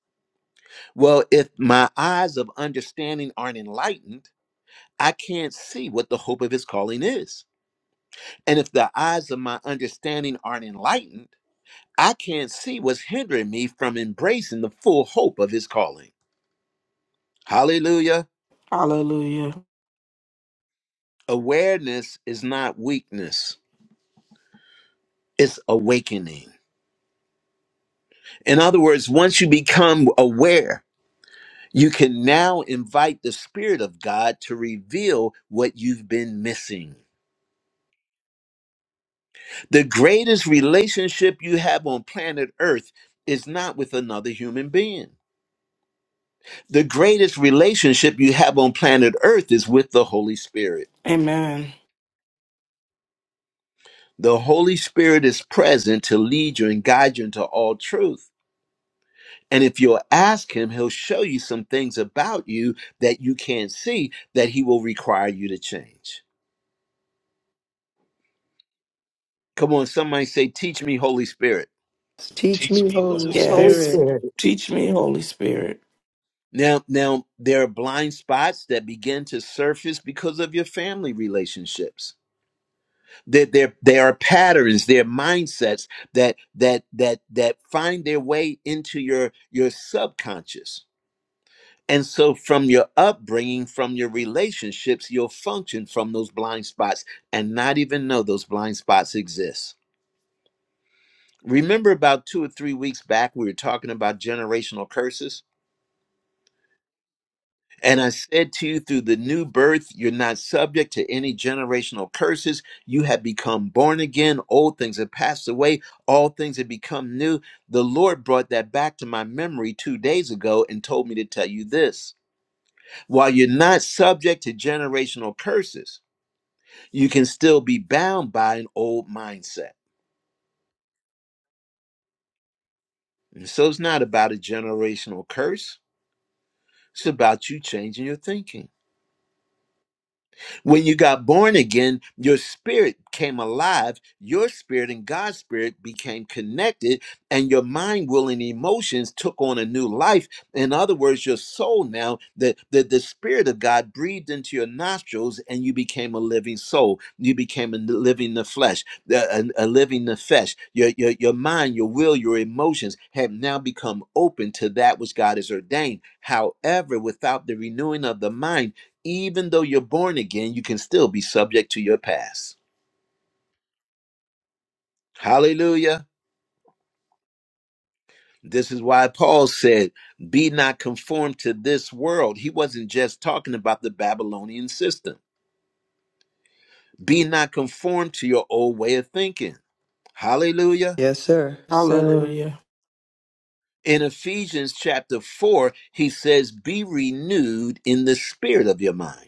S1: Well, if my eyes of understanding aren't enlightened, I can't see what the hope of his calling is. And if the eyes of my understanding aren't enlightened, I can't see what's hindering me from embracing the full hope of his calling. Hallelujah.
S5: Hallelujah.
S1: Awareness is not weakness, it's awakening. In other words, once you become aware, you can now invite the Spirit of God to reveal what you've been missing. The greatest relationship you have on planet Earth is not with another human being. The greatest relationship you have on planet Earth is with the Holy Spirit.
S5: Amen.
S1: The Holy Spirit is present to lead you and guide you into all truth And if you'll ask him, he'll show you some things about you that you can't see that he will require you to change. Come on, somebody say, Teach me, Holy Spirit.
S3: Teach
S2: Teach
S3: me,
S2: me,
S4: Teach
S3: Holy
S2: Holy
S4: me,
S6: Holy
S4: Holy
S2: Spirit.
S5: Yes.
S6: Spirit.
S3: Spirit.
S4: Spirit.
S5: Teach me, Holy Spirit.
S1: Now, now there are blind spots that begin to surface because of your family relationships. There, there, there are patterns, there are mindsets that that that that find their way into your your subconscious And so, from your upbringing, from your relationships, you'll function from those blind spots and not even know those blind spots exist. Remember, about two or three weeks back, we were talking about generational curses. And I said to you, through the new birth, you're not subject to any generational curses. You have become born again. Old things have passed away. All things have become new. The Lord brought that back to my memory two days ago and told me to tell you this. While you're not subject to generational curses, you can still be bound by an old mindset. And so it's not about a generational curse, it's about you changing your thinking. When you got born again, your spirit came alive, your spirit and God's spirit became connected, and your mind, will, and emotions took on a new life. In other words, your soul now, the, the, the spirit of God breathed into your nostrils, and you became a living soul. You became a n- living the flesh, a, a- a living the flesh. Your, your, your mind, your will, your emotions have now become open to that which God has ordained. However, without the renewing of the mind, even though you're born again, you can still be subject to your past. Hallelujah. This is why Paul said, Be not conformed to this world. He wasn't just talking about the Babylonian system. Be not conformed to your old way of thinking. Hallelujah.
S3: Yes, sir. Yes, Sir.
S5: Hallelujah.
S1: In Ephesians chapter 4, he says, Be renewed in the spirit of your mind.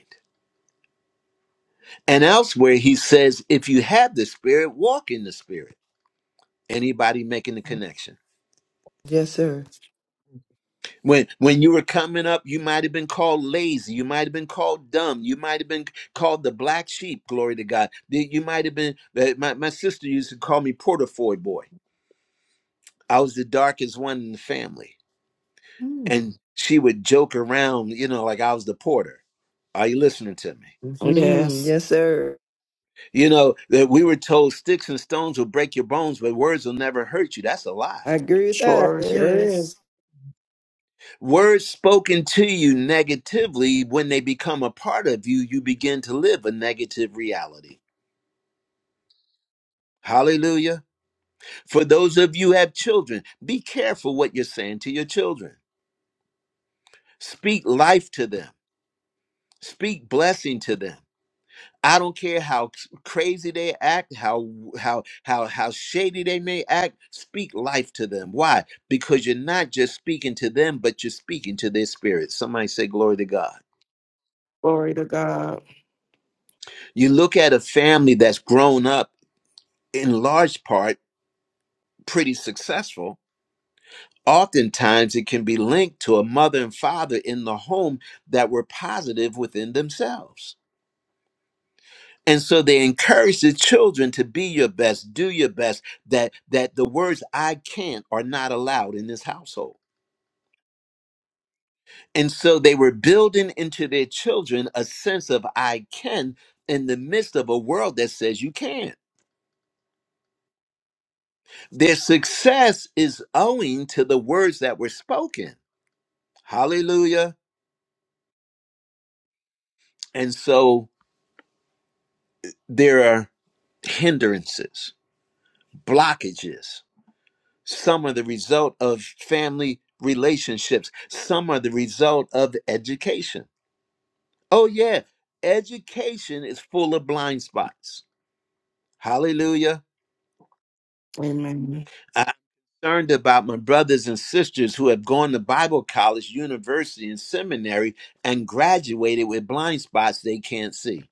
S1: And elsewhere, he says, If you have the spirit, walk in the spirit. Anybody making the connection?
S3: Yes, sir.
S1: When when you were coming up, you might have been called lazy, you might have been called dumb, you might have been called the black sheep. Glory to God. The- You might have been. uh, My my sister used to call me Portafoy boy. I was the darkest one in the family, and she would joke around, you know, like I was the porter. Are you listening to me?
S3: Mm-hmm.
S5: Yes.
S3: Yes, sir.
S1: You know that we were told sticks and stones will break your bones, but words will never hurt you. That's a lie.
S3: I agree with that.
S5: Sure
S3: Sure
S5: is.
S3: is.
S1: Words spoken to you negatively, when they become a part of you, you begin to live a negative reality. Hallelujah. For those of you who have children, be careful what you're saying to your children. Speak life to them. Speak blessing to them. I don't care how c- crazy they act, how how how how shady they may act, speak life to them. Why? Because you're not just speaking to them, but you're speaking to their spirit. Somebody say glory to God.
S5: Glory to God.
S1: You look at a family that's grown up in large part pretty successful Oftentimes, it can be linked to a mother and father in the home that were positive within themselves. And so they encourage the children to be your best, do your best, that, that the words I can't are not allowed in this household. And so they were building into their children a sense of I can in the midst of a world that says you can't. Their success is owing to the words that were spoken. Hallelujah. And so there are hindrances blockages. Some are the result of family relationships. Some are the result of education. Oh, yeah, education is full of blind spots. Hallelujah.
S5: Amen.
S1: I'm concerned about my brothers and sisters who have gone to Bible college, university, and seminary and graduated with blind spots they can't see.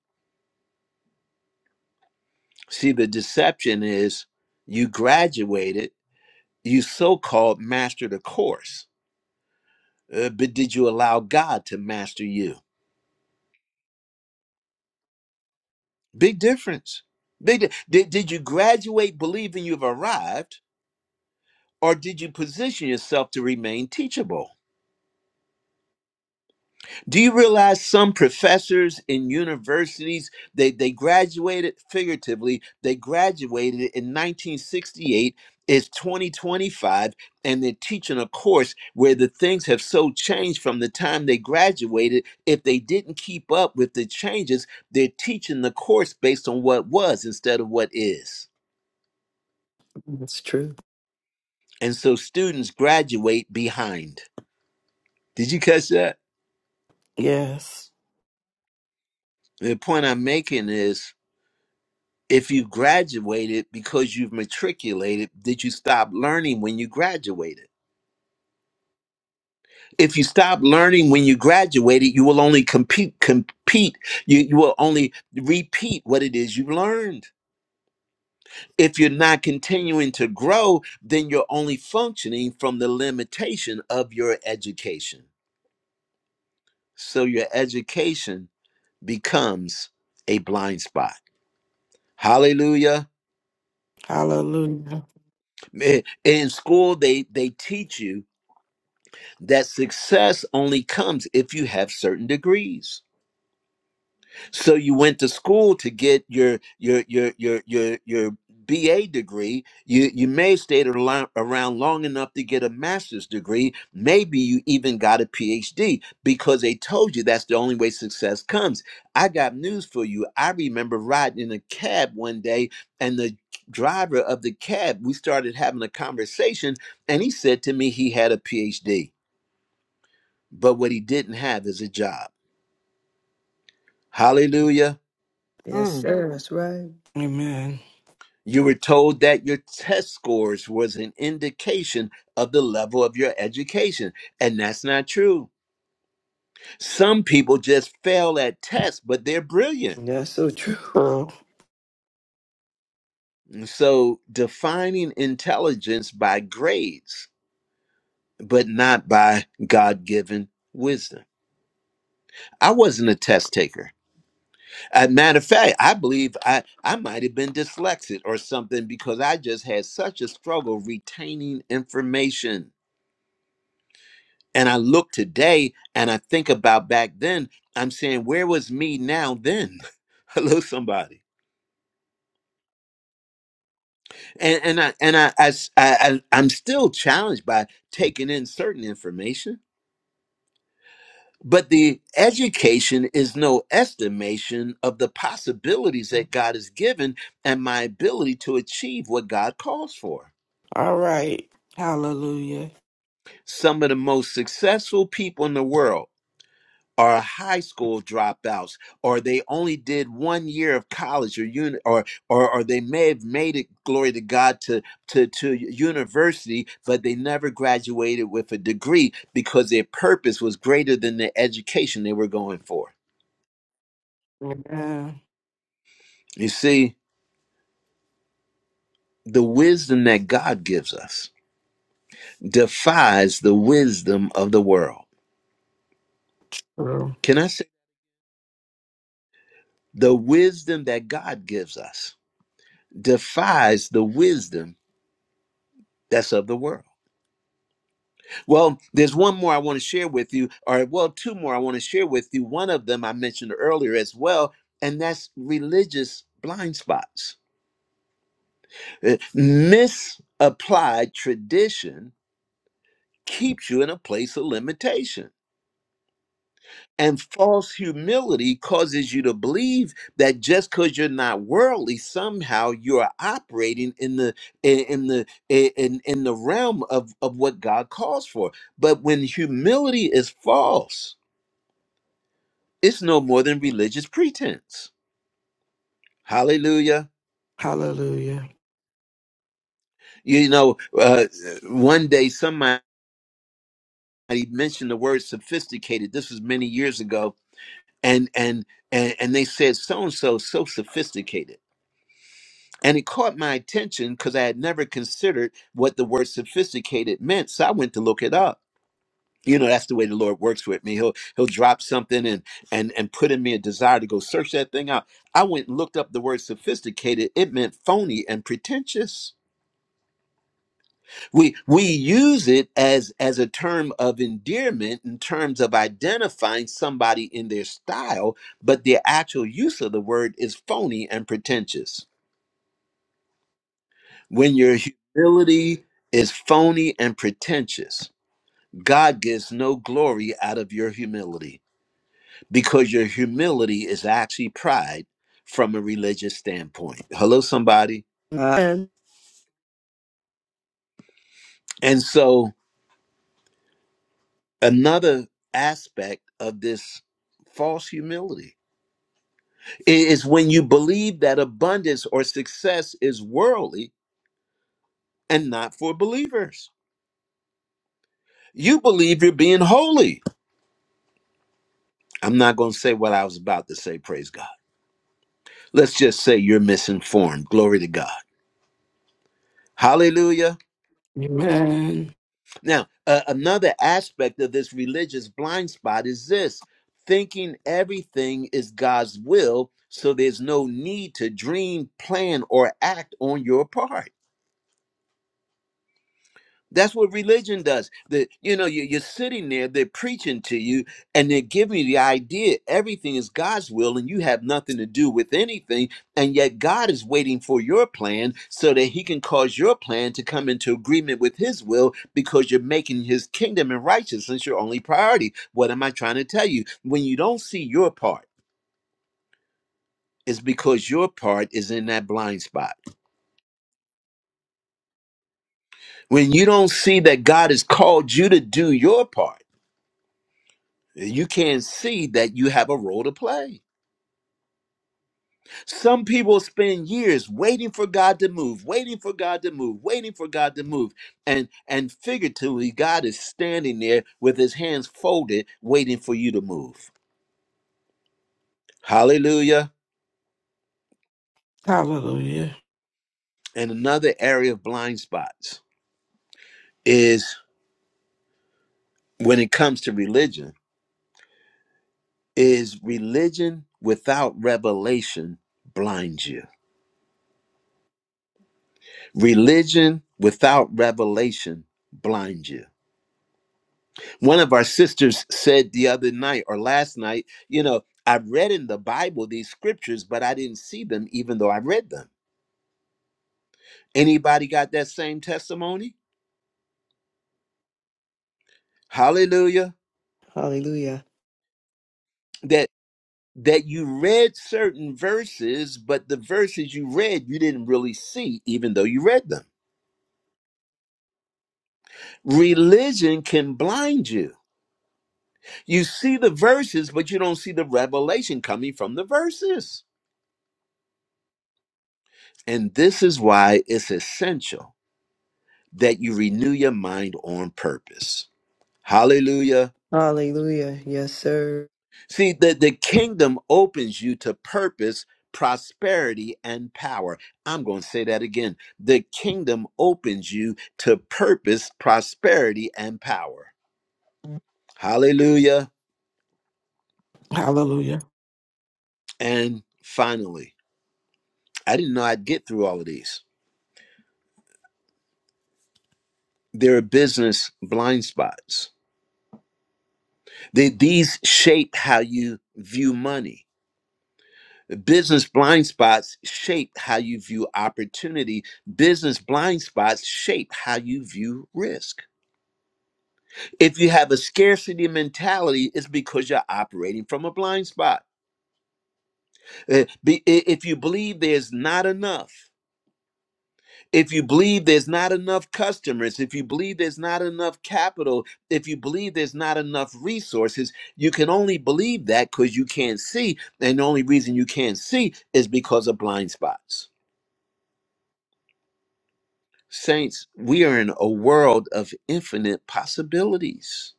S1: See, the deception is you graduated, you so called mastered a course Uh, but did you allow God to master you? Big difference. Big di- did, did you graduate believing you've arrived, or did you position yourself to remain teachable? Do you realize some professors in universities, they, they graduated figuratively, they graduated in 1968, it's 2025, and they're teaching a course where the things have so changed from the time they graduated. If they didn't keep up with the changes, they're teaching the course based on what was instead of what is.
S3: It's true.
S1: And so students graduate behind. Did you catch that?
S5: Yes.
S1: The point I'm making is if you graduated because you've matriculated, did you stop learning when you graduated? If you stop learning when you graduated, you will only compete, compete. You, you will only repeat what it is you've learned. If you're not continuing to grow, then you're only functioning from the limitation of your education. So your education becomes a blind spot. Hallelujah.
S5: Hallelujah.
S1: In in school, they, they teach you that success only comes if you have certain degrees. So you went to school to get your your your your your your BA degree. You you may have stayed alo- around long enough to get a master's degree. Maybe you even got a PhD because they told you that's the only way success comes. I got news for you. I remember riding in a cab one day and the driver of the cab we started having a conversation and he said to me he had a phd but what he didn't have is a job.
S4: Mm-hmm.
S1: Hallelujah.
S3: Yes,
S4: Mm.
S3: sir. That's right.
S5: Amen.
S1: You were told that your test scores was an indication of the level of your education, and that's not true. Some people just fail at tests, but they're brilliant.
S3: That's so true.
S5: True.
S1: And So defining intelligence by grades, but not by God given wisdom. I wasn't a test taker. Uh, matter of fact, I believe I, I might have been dyslexic or something because I just had such a struggle retaining information. And I look today and I think about back then, I'm saying, where was me now then? Hello, somebody. And, and, I, and I, I s- I- I- I'm still challenged by taking in certain information. But the education is no estimation of the possibilities that God has given and my ability to achieve what God calls for.
S5: All right. Hallelujah.
S1: Some of the most successful people in the world are high school dropouts, or they only did one year of college or uni- or, or or they may have made it, glory to God, to, to, to university, but they never graduated with a degree because their purpose was greater than the education they were going for.
S5: Amen.
S1: You see, the wisdom that God gives us defies the wisdom of the world.
S5: True.
S1: Can I say the wisdom that God gives us? defies the wisdom that's of the world. Well, there's one more I want to share with you, or well, two more I want to share with you. One of them I mentioned earlier as well, and that's religious blind spots. Uh, Misapplied tradition keeps you in a place of limitation And false humility causes you to believe that just because you're not worldly, somehow you're operating in the in in the in in the realm of of what God calls for. But when humility is false, it's no more than religious pretense. Hallelujah!
S5: Hallelujah.
S1: You know, uh, one day somebody mentioned the word sophisticated. This was many years ago, and and and, and they said so and so so sophisticated. And it caught my attention because I had never considered what the word sophisticated meant. So I went to look it up. You know, that's the way the Lord works with me. He'll he'll drop something and and and put in me a desire to go search that thing out. I went and looked up the word sophisticated. It meant phony and pretentious. We we use it as as a term of endearment in terms of identifying somebody in their style, but the actual use of the word is phony and pretentious. When your humility is phony and pretentious, God gets no glory out of your humility because your humility is actually pride from a religious standpoint. Hello, somebody.
S3: And
S1: And so, another aspect of this false humility is when you believe that abundance or success is worldly and not for believers. You believe you're being holy. I'm not going to say what I was about to say, praise God let's just say you're misinformed. Glory to God. Hallelujah.
S5: Amen.
S1: Now, uh, another aspect of this religious blind spot is this thinking everything is God's will, so there's no need to dream, plan, or act on your part. That's what religion does. The you know you, you're sitting there, they're preaching to you, and they're giving you the idea everything is God's will, and you have nothing to do with anything. And yet God is waiting for your plan so that He can cause your plan to come into agreement with His will, because you're making His kingdom and righteousness your only priority. What am I trying to tell you? When you don't see your part. It's because your part is in that blind spot. When you don't see that God has called you to do your part, you can't see that you have a role to play. Some people spend years waiting for God to move, waiting for God to move, waiting for God to move. And and figuratively God is standing there with his hands folded waiting for you to move. Hallelujah.
S5: Hallelujah.
S1: And another area of blind spots is when it comes to religion is religion without revelation blinds you. Religion without revelation blinds you one of our sisters said the other night or last night, you know, I read in the Bible these scriptures, but I didn't see them even though I read them. Anybody got that same testimony? Hallelujah.
S3: Hallelujah.
S1: That that you read certain verses, but the verses you read you didn't really see even though you read them. Religion can blind you. You see the verses, but you don't see the revelation coming from the verses. And this is why it's essential that you renew your mind on purpose. Hallelujah.
S3: Hallelujah. Yes, sir.
S1: See, the, the kingdom opens you to purpose, prosperity, and power. I'm going to say that again. The kingdom opens you to purpose, prosperity, and power. Hallelujah.
S5: Hallelujah.
S1: And finally, I didn't know I'd get through all of these. There are business blind spots. They, these shape how you view money Business blind spots shape how you view opportunity. Business blind spots shape how you view risk. If you have a scarcity mentality, it's because you're operating from a blind spot. Uh, be- i- If you believe there's not enough, if you believe there's not enough customers, if you believe there's not enough capital, if you believe there's not enough resources, you can only believe that because you can't see. And the only reason you can't see is because of blind spots. Saints, we are in a world of infinite possibilities.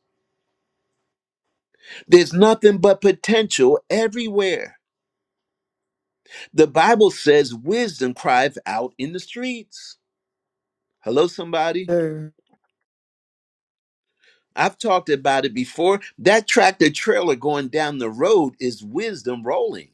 S1: There's nothing but potential everywhere. The Bible says wisdom cried out in the streets. Hello, somebody.
S3: Sir.
S1: I've talked about it before. That tractor trailer going down the road is wisdom rolling.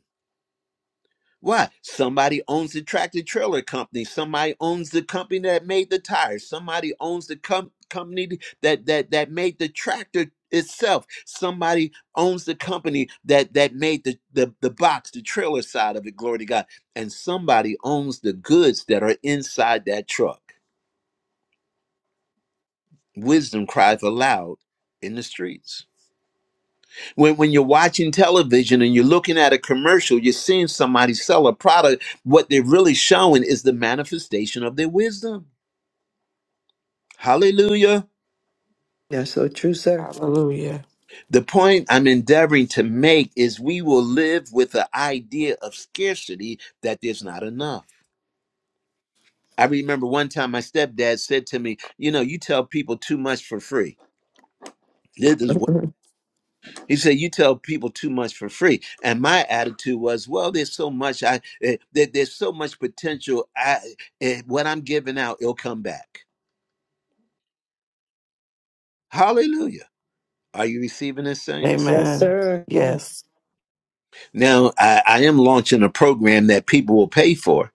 S1: Why? Somebody owns the tractor trailer company. Somebody owns the company that made the tires. Somebody owns the com- company that that that made the tractor itself. Somebody owns the company that that made the, the the box, the trailer side of it. Glory to God. And somebody owns the goods that are inside that truck. Wisdom cries aloud in the streets. When, when you're watching television and you're looking at a commercial, you're seeing somebody sell a product. What they're really showing is the manifestation of their wisdom. Hallelujah.
S3: That's so true, sir.
S5: Hallelujah.
S1: The point I'm endeavoring to make is we will live with the idea of scarcity that there's not enough. I remember one time my stepdad said to me, You know, you tell people too much for free. This is way He said, "You tell people too much for free." And my attitude was, "Well, there's so much. I eh, there, there's so much potential. I eh, what I'm giving out, it'll come back." Hallelujah. Are you receiving this, saints?
S3: Yes,
S5: Amen.
S3: sir.
S4: Yes,
S5: Yes.
S1: Now, I, I am launching a program that people will pay for,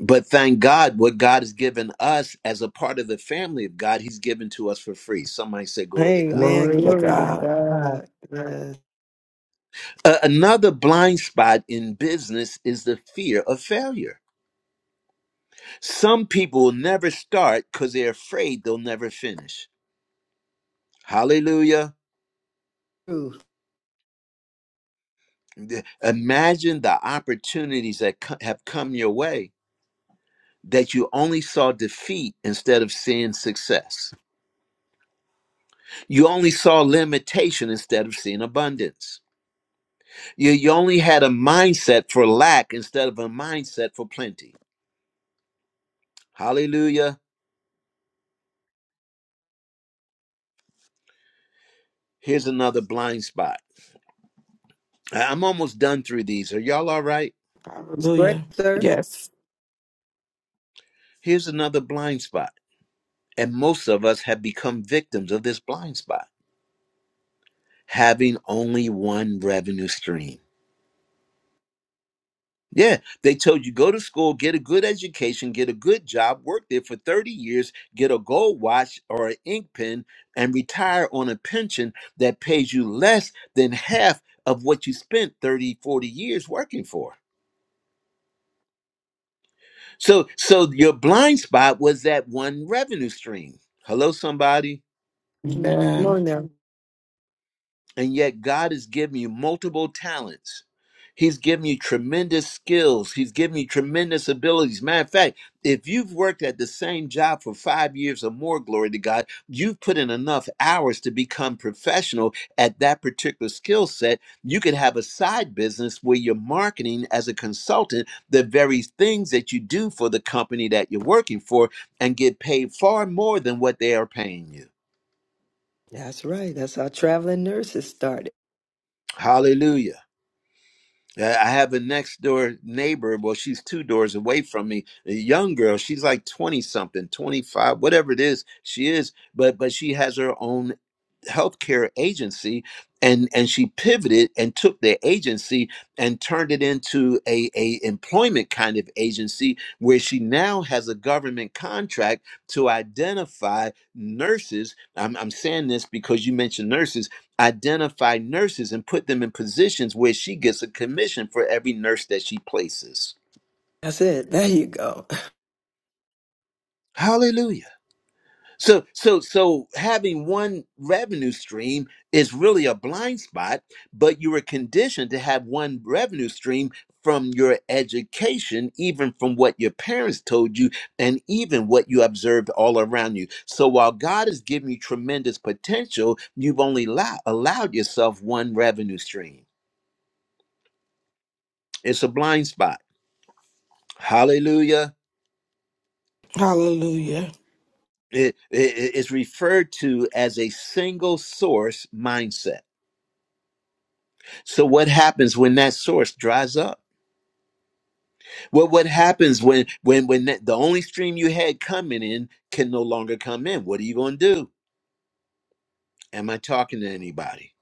S1: but thank God, what God has given us as a part of the family of God, He's given to us for free. Somebody say, "Glory to God."
S3: Amen.
S5: Glory to
S3: Glory to
S5: God.
S4: God.
S3: God. Yes.
S1: A- another blind spot in business is the fear of failure. Some people will never start because they're afraid they'll never finish. Hallelujah.
S3: True.
S1: The- Imagine the opportunities that co- have come your way that you only saw defeat instead of seeing success. You only saw limitation instead of seeing abundance. You, you only had a mindset for lack instead of a mindset for plenty. Hallelujah. Here's another blind spot. I- I'm almost done through these. Are y'all all right?
S3: It's great,
S5: Hallelujah.
S3: sir.
S5: Yes.
S1: Here's another blind spot And most of us have become victims of this blind spot, having only one revenue stream. Yeah, they told you go to school, get a good education, get a good job, work there for 30 years, get a gold watch or an ink pen, and retire on a pension that pays you less than half of what you spent 30, 40 years working for. So so your blind spot was that one revenue stream. Hello, somebody.
S3: Come
S5: Amen.
S3: on now.
S1: And yet, God has given you multiple talents. He's given you tremendous skills. He's given you tremendous abilities. Matter of fact, if you've worked at the same job for five years or more, glory to God, you've put in enough hours to become professional at that particular skill set. You could have a side business where you're marketing as a consultant the very things that you do for the company that you're working for and get paid far more than what they are paying you.
S3: That's right. That's how traveling nurses started.
S1: Hallelujah. Uh, I have a next door neighbor. Well, she's two doors away from me. A young girl. She's like twenty something, twenty five, whatever it is. She is, but but she has her own healthcare agency and and she pivoted and took their agency and turned it into a, a employment kind of agency where she now has a government contract to identify nurses I'm, I'm saying this because you mentioned nurses identify nurses and put them in positions where she gets a commission for every nurse that she places
S3: That's it. There you go.
S1: hallelujah So so so having one revenue stream is really a blind spot, but you were conditioned to have one revenue stream from your education, even from what your parents told you and even what you observed all around you. So while God has given you tremendous potential, you've only allow- allowed yourself one revenue stream. It's a blind spot. Hallelujah.
S5: Hallelujah.
S1: It, it, it's referred to as a single source mindset. So what happens when that source dries up? Well, what happens when when when that, the only stream you had coming in can no longer come in? What are you going to do? Am I talking to anybody?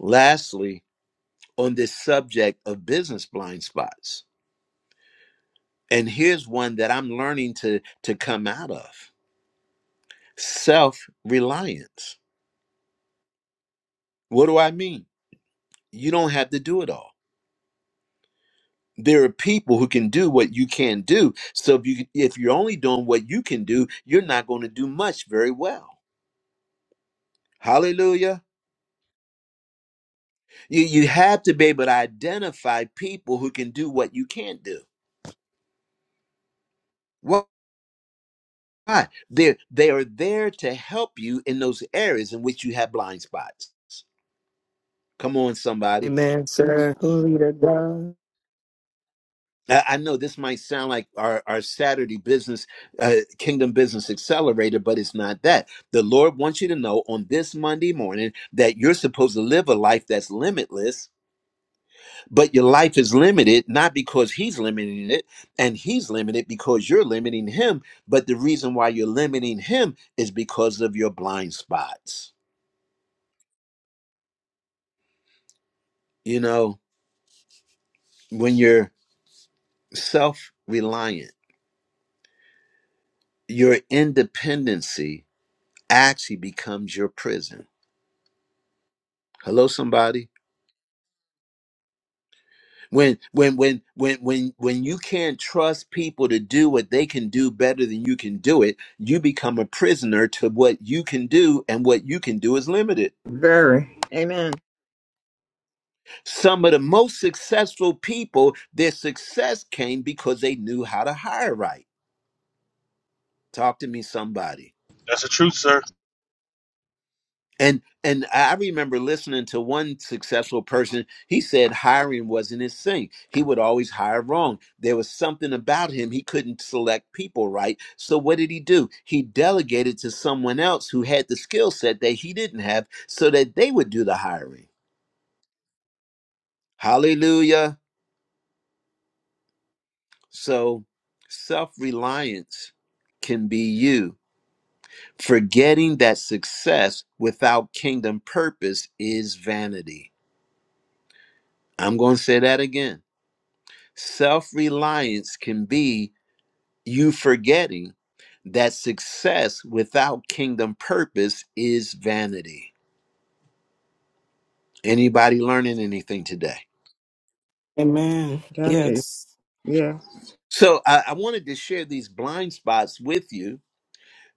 S1: Lastly, on this subject of business blind spots, and here's one that I'm learning to to come out of: self reliance. What do I mean? You don't have to do it all. There are people who can do what you can do. So if you if you're only doing what you can do, you're not going to do much very well Hallelujah. You you have to be able to identify people who can do what you can't do. Why? They they are there to help you in those areas in which you have blind spots. Come on, somebody.
S3: Amen, sir. Glory to God.
S1: I, I know this might sound like our, our Saturday business, uh, Kingdom Business Accelerator, but it's not that. The Lord wants you to know on this Monday morning that you're supposed to live a life that's limitless but your life is limited not because he's limiting it and he's limited because you're limiting him but the reason why you're limiting him is because of your blind spots you know when you're self-reliant your independency actually becomes your prison hello somebody when when when when when when you can't trust people to do what they can do better than you can do it you become a prisoner to what you can do and what you can do is limited
S7: Very. Amen.
S1: Some of the most successful people, their success came because they knew how to hire right. Talk to me, somebody.
S2: That's the truth, sir.
S1: And and I remember listening to one successful person. He said hiring wasn't his thing. He would always hire wrong. There was something about him. He couldn't select people right. So what did he do? He delegated to someone else who had the skill set that he didn't have so that they would do the hiring. Hallelujah. So self-reliance can be you forgetting that success without kingdom purpose is vanity. I'm going to say that again. Self reliance can be you forgetting that success without kingdom purpose is vanity. Anybody learning anything today?
S5: Amen.
S7: That is.
S5: Yes.
S7: Yes.
S1: So I, I wanted to share these blind spots with you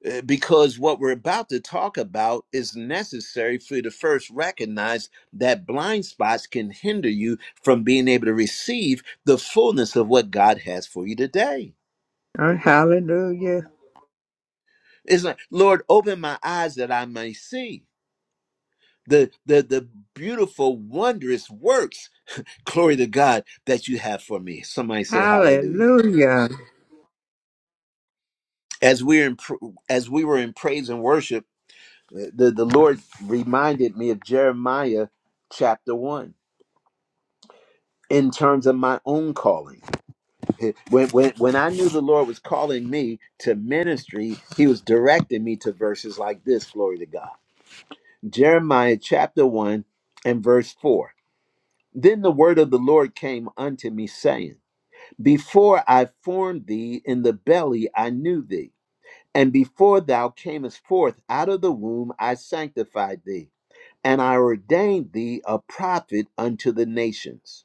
S1: Uh, because what we're about to talk about is necessary for you to first recognize that blind spots can hinder you from being able to receive the fullness of what God has for you today.
S7: Oh, hallelujah.
S1: It's like, Lord, open my eyes that I may see the the the beautiful, wondrous works. Glory to God that you have for me. Somebody say Hallelujah.
S7: Hallelujah.
S1: As we're in, pr- as we were in praise and worship, uh, the the Lord reminded me of Jeremiah chapter one in terms of my own calling. When, when, when I knew the Lord was calling me to ministry, He was directing me to verses like this glory to God. Jeremiah chapter 1 and verse 4. Then the word of the Lord came unto me, saying, Before I formed thee in the belly, I knew thee. And before thou camest forth out of the womb, I sanctified thee. And I ordained thee a prophet unto the nations.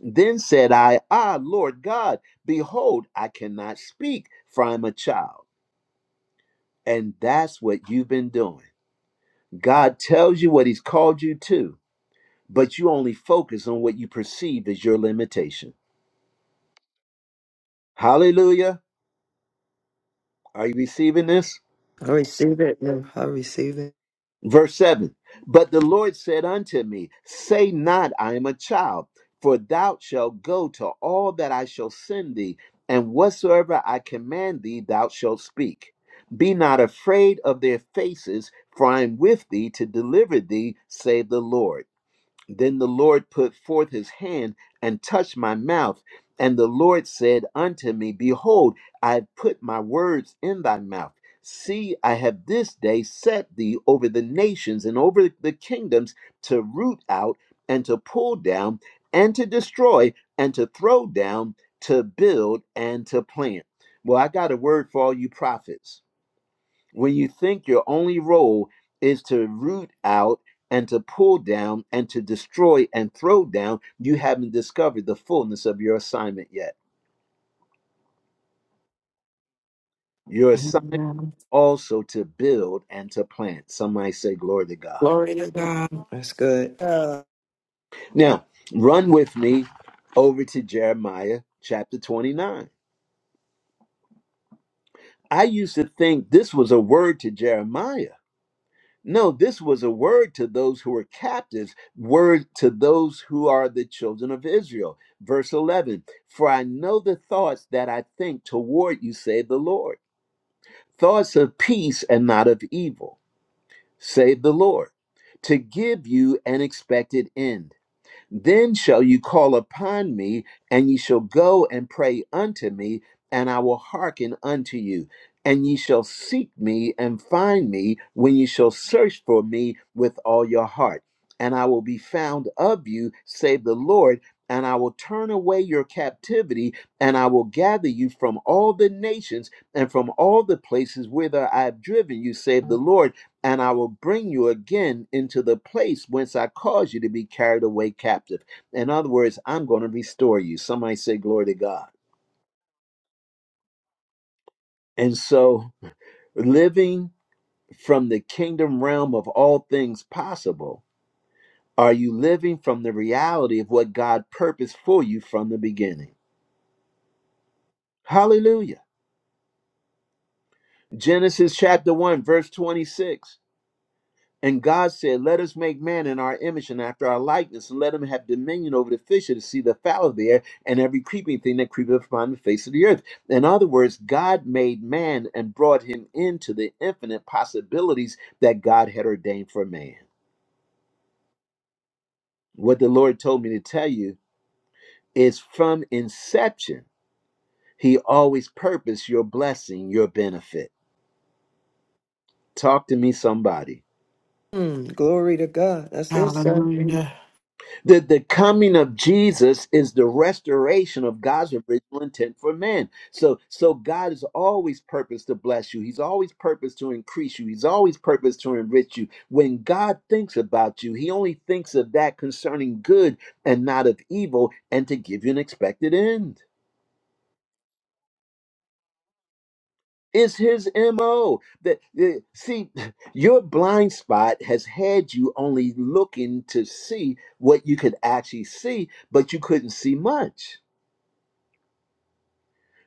S1: Then said I, Ah, Lord God, behold, I cannot speak, for I'm a child. And that's what you've been doing. God tells you what He's called you to, but you only focus on what you perceive as your limitation. Hallelujah. Are you receiving this?
S3: I receive it, man. I receive it.
S1: Verse 7 But the Lord said unto me, Say not, I am a child, for thou shalt go to all that I shall send thee, and whatsoever I command thee, thou shalt speak. Be not afraid of their faces, for I am with thee to deliver thee, saith the Lord. Then the Lord put forth his hand and touched my mouth. And the Lord said unto me, Behold, I have put my words in thy mouth. See, I have this day set thee over the nations and over the kingdoms to root out and to pull down and to destroy and to throw down, to build and to plant. Well, I got a word for all you prophets when you think your only role is to root out and to pull down and to destroy and throw down, you haven't discovered the fullness of your assignment yet. Your assignment
S5: Amen.
S1: also to build and to plant. Somebody say, Glory to God.
S5: Glory to God.
S3: That's good. Uh,
S1: Now, run with me over to Jeremiah chapter 29. I used to think this was a word to Jeremiah No, this was a word to those who were captives, word to those who are the children of Israel. Verse 11 For I know the thoughts that I think toward you, save the Lord, thoughts of peace and not of evil, save the Lord, to give you an expected end. Then shall you call upon me, and ye shall go and pray unto me, and I will hearken unto you. And ye shall seek me and find me when ye shall search for me with all your heart. And I will be found of you, save the Lord, and I will turn away your captivity, and I will gather you from all the nations and from all the places whither I have driven you, save the Lord and I will bring you again into the place whence I caused you to be carried away captive. In other words, I'm going to restore you. Somebody say, Glory to God. And so, living from the kingdom realm of all things possible, are you living from the reality of what God purposed for you from the beginning? Hallelujah. Genesis chapter 1, verse 26. And God said, Let us make man in our image and after our likeness, and let him have dominion over the fish of the sea, the fowl of the air, and every creeping thing that creepeth upon the face of the earth. In other words, God made man and brought him into the infinite possibilities that God had ordained for man. What the Lord told me to tell you is from inception, He always purposed your blessing, your benefit. Talk to me, somebody.
S3: mm, glory to God. That's it, sir.
S5: Hallelujah.
S1: That the coming of Jesus is the restoration of God's original intent for man. So, so God is always purposed to bless you. He's always purposed to increase you. He's always purposed to enrich you. When God thinks about you, he only thinks of that concerning good and not of evil and to give you an expected end. It's his MO. That that- see, your blind spot has had you only looking to see what you could actually see, but you couldn't see much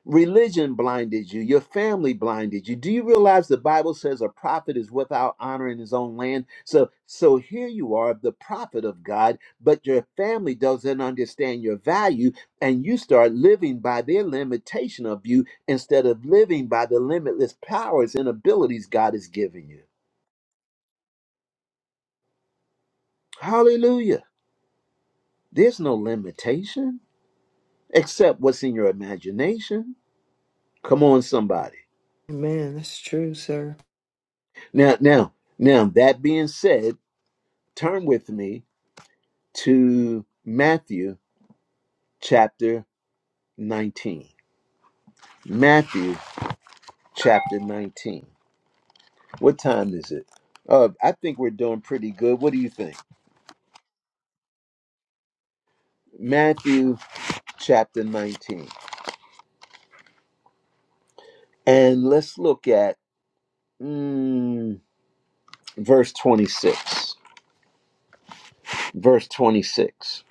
S1: Religion blinded you. Your family blinded you. Do you realize the Bible says a prophet is without honor in his own land? So, so here you are, the prophet of God, but your family doesn't understand your value, and you start living by their limitation of you instead of living by the limitless powers and abilities God has given you. Hallelujah. There's no limitation except what's in your imagination. Come on, somebody.
S3: Amen. That's true, sir.
S1: Now, now, now, that being said, Turn with me to Matthew chapter 19. Matthew chapter 19. What time is it? Uh, I think we're doing pretty good. What do you think? Matthew chapter 19. And let's look at mm, verse 26. Verse 26.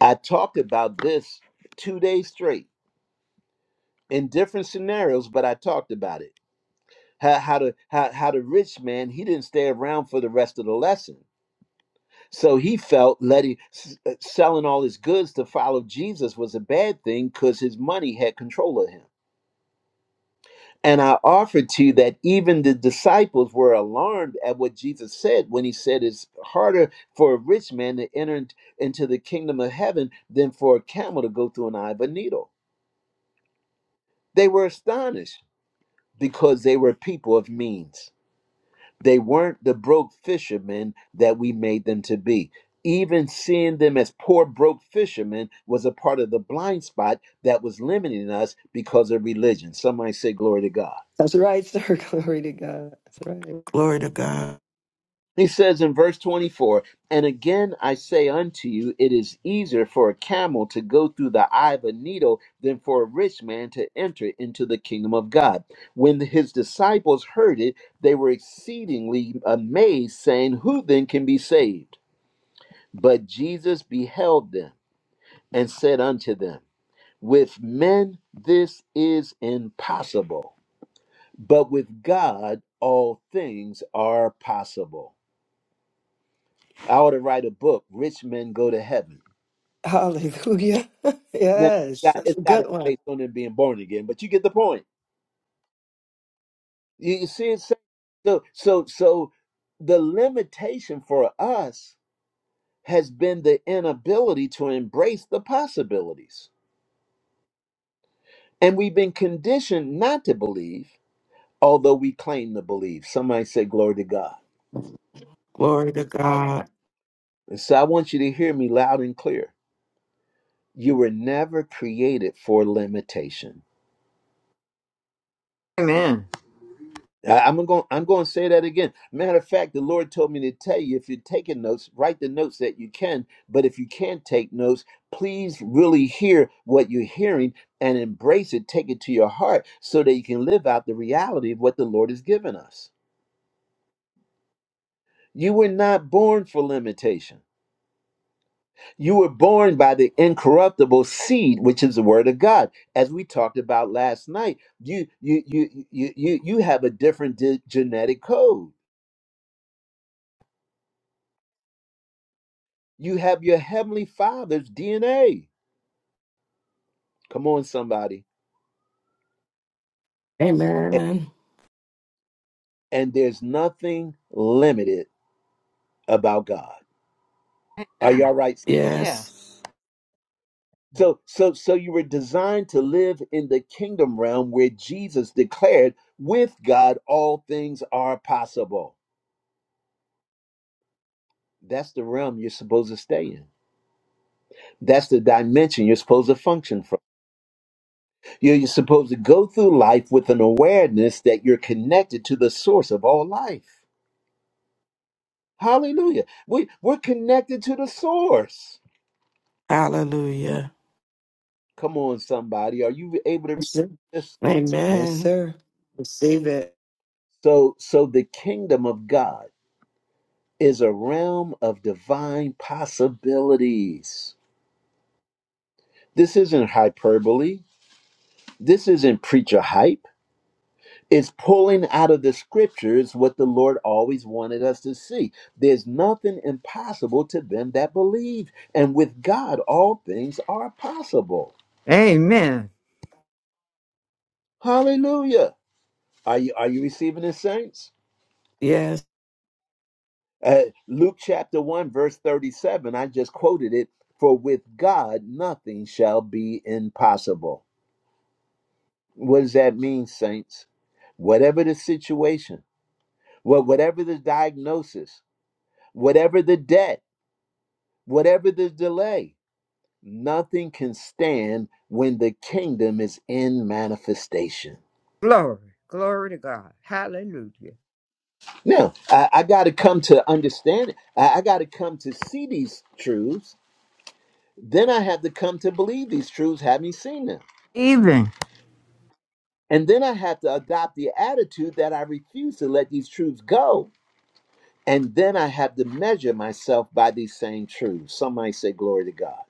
S1: I talked about this two days straight in different scenarios, but I talked about it. How, how, the, how, how the rich man, he didn't stay around for the rest of the lesson So he felt letting uh, selling all his goods to follow Jesus was a bad thing because his money had control of him. And I offer to you that even the disciples were alarmed at what Jesus said when he said it's harder for a rich man to enter into the kingdom of heaven than for a camel to go through an eye of a needle. They were astonished because they were people of means. They weren't the broke fishermen that we made them to be. Even seeing them as poor, broke fishermen was a part of the blind spot that was limiting us because of religion. Somebody say, Glory to God.
S3: That's right, sir. Glory to God. That's right.
S5: Glory to God.
S1: He says in verse 24, And again I say unto you, it is easier for a camel to go through the eye of a needle than for a rich man to enter into the kingdom of God. When his disciples heard it, they were exceedingly amazed, saying, Who then can be saved? But Jesus beheld them and said unto them, With men this is impossible, but with God all things are possible. I ought to write a book, Rich Men Go to Heaven.
S3: Hallelujah.
S1: Now,
S3: yes.
S1: it's got,
S3: That's
S1: it's
S3: a
S1: got to
S3: good
S1: be
S3: one.
S1: based on them being born again, but you get the point. You, you see it? So, so, so so the limitation for us has been the inability to embrace the possibilities. And we've been conditioned not to believe although we claim to believe. Somebody say, Glory to God.
S5: Glory to God.
S1: And so I want you to hear me loud and clear. You were never created for limitation.
S7: Amen.
S1: I- I'm going. I'm going to say that again. Matter of fact, the Lord told me to tell you if you're taking notes, write the notes that you can. But if you can't take notes, please really hear what you're hearing and embrace it. Take it to your heart so that you can live out the reality of what the Lord has given us. You were not born for limitation. You were born by the incorruptible seed, which is the word of God. As we talked about last night, you you you you you, you have a different di- genetic code. You have your heavenly father's DNA. Come on, somebody. And,
S5: Amen.
S1: and there's nothing limited about God. Are you
S7: Amen.
S1: all right?
S5: Yes.
S7: Yes.
S1: So so so you were designed to live in the kingdom realm where Jesus declared, with God all things are possible. That's the realm you're supposed to stay in. That's the dimension you're supposed to function from. You're, you're supposed to go through life with an awareness that you're connected to the source of all life. Hallelujah. We, we're connected to the source.
S5: Hallelujah.
S1: Come on, somebody. Are you able to read
S3: That's it.
S1: this?
S3: Yes,
S5: Amen.
S3: sir. Receive it.
S1: So, so the kingdom of God is a realm of divine possibilities. This isn't hyperbole. This isn't preacher hype. Is pulling out of the scriptures what the Lord always wanted us to see. There's nothing impossible to them that believe, and with God, all things are possible.
S7: Amen.
S1: Hallelujah! Are you are you receiving the saints?
S5: Yes.
S1: Uh, Luke chapter one verse thirty-seven. I just quoted it. For with God, nothing shall be impossible. What does that mean, saints? Whatever the situation, wha- whatever the diagnosis, whatever the debt, whatever the delay. Nothing can stand when the kingdom is in manifestation.
S7: Glory. Glory to God. Hallelujah.
S1: Now, I, I got to come to understand it. I, I got to come to see these truths. Then I have to come to believe these truths, having seen them.
S7: Even
S1: And then I have to adopt the attitude that I refuse to let these truths go. And then I have to measure myself by these same truths. Somebody say, Glory to God.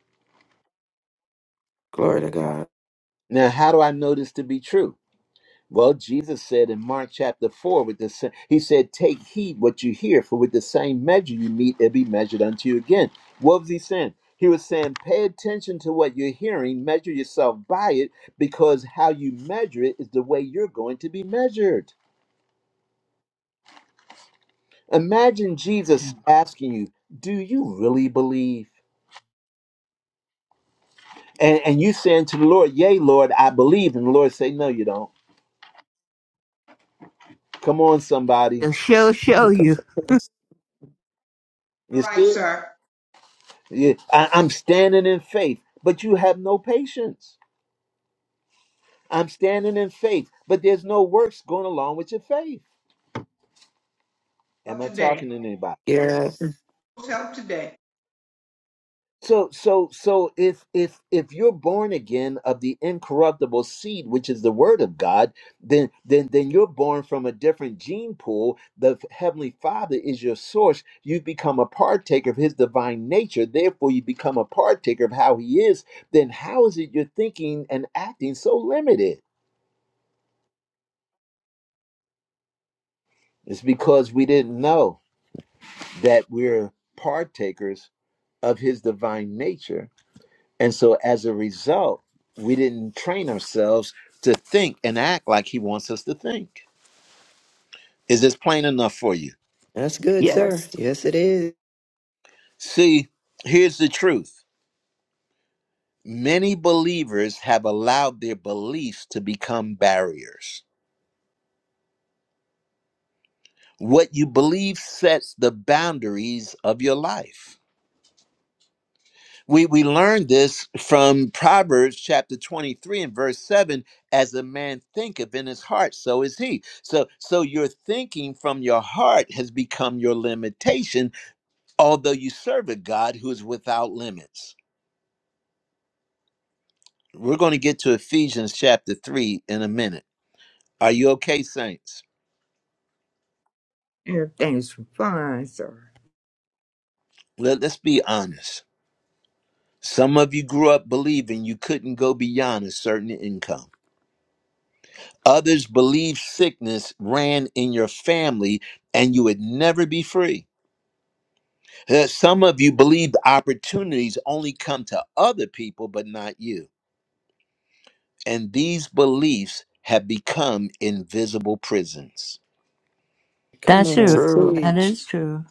S5: Glory to God.
S1: Now, how do I know this to be true? Well, Jesus said in Mark chapter 4, with the, sa- he said, Take heed what you hear, for with the same measure you meet, it'll be measured unto you again. What was he saying? He was saying, Pay attention to what you're hearing, measure yourself by it, because how you measure it is the way you're going to be measured. Imagine Jesus asking you, Do you really believe? And, and you saying to the Lord, Yea, Lord, I believe. And the Lord say, No, you don't. Come on, somebody.
S7: the show
S3: Oh,
S7: show
S3: come
S7: you
S3: on.
S8: All
S1: You see
S8: right,
S1: it?
S8: sir.
S1: Yeah, I, I'm standing in faith, but you have no patience. I'm standing in faith, but there's no works going along with your faith. Am
S8: Help
S1: I
S8: today.
S1: talking to anybody?
S5: Yes.
S8: Help today.
S1: So, so, so if if if you're born again of the incorruptible seed, which is the Word of God, then then then you're born from a different gene pool. The Heavenly Father is your source. You become a partaker of His divine nature. Therefore, you become a partaker of how He is. Then how is it you're thinking and acting so limited? It's because we didn't know that we're partakers of his divine nature. And so as a result, we didn't train ourselves to think and act like he wants us to think. Is this plain enough for you?
S3: That's good, sir.
S5: Yes.
S3: Yes, it is.
S1: See, here's the truth. Many believers have allowed their beliefs to become barriers. What you believe sets the boundaries of your life. We, we learn this from Proverbs chapter 23 and verse 7 as a man thinketh in his heart so is he. So so your thinking from your heart has become your limitation although you serve a God who is without limits. We're going to get to Ephesians chapter 3 in a minute. Are you okay saints?
S7: everything's fine, sir.
S1: Let, let's be honest. Some of you grew up believing you couldn't go beyond a certain income. Others believe sickness ran in your family and you would never be free. Uh, Some of you believe opportunities only come to other people, but not you. And these beliefs have become invisible prisons.
S3: Come
S7: That's
S3: on.
S7: true.
S5: True.
S7: That
S3: Teach.
S7: is true.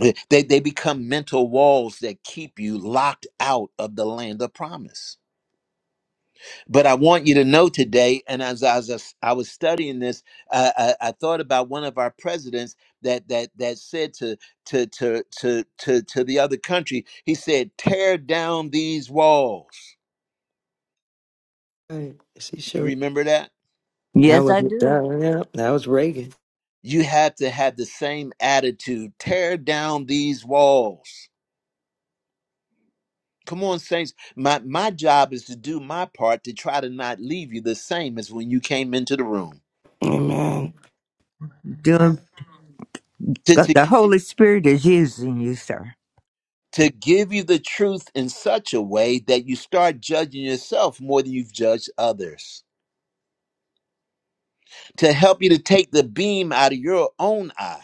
S1: Uh, They, they become mental walls that keep you locked out of the land of promise. But I want you to know today, and as I was, I was studying this, uh, I, I thought about one of our presidents that that that said to to to to to to the other country, he said, "Tear down these walls."
S3: Right. Yes, he
S1: You
S3: sure.
S1: remember that?
S3: That
S7: Yes,
S3: was
S7: I do.
S3: that, yeah, that was Reagan.
S1: You have to have the same attitude. Tear down these walls. Come on, saints. My my job is to do my part to try to not leave you the same as when you came into the room
S5: Amen.
S7: Doing the Holy Spirit is using you, sir.
S1: to give you the truth in such a way that you start judging yourself more than you've judged others, to help you to take the beam out of your own eye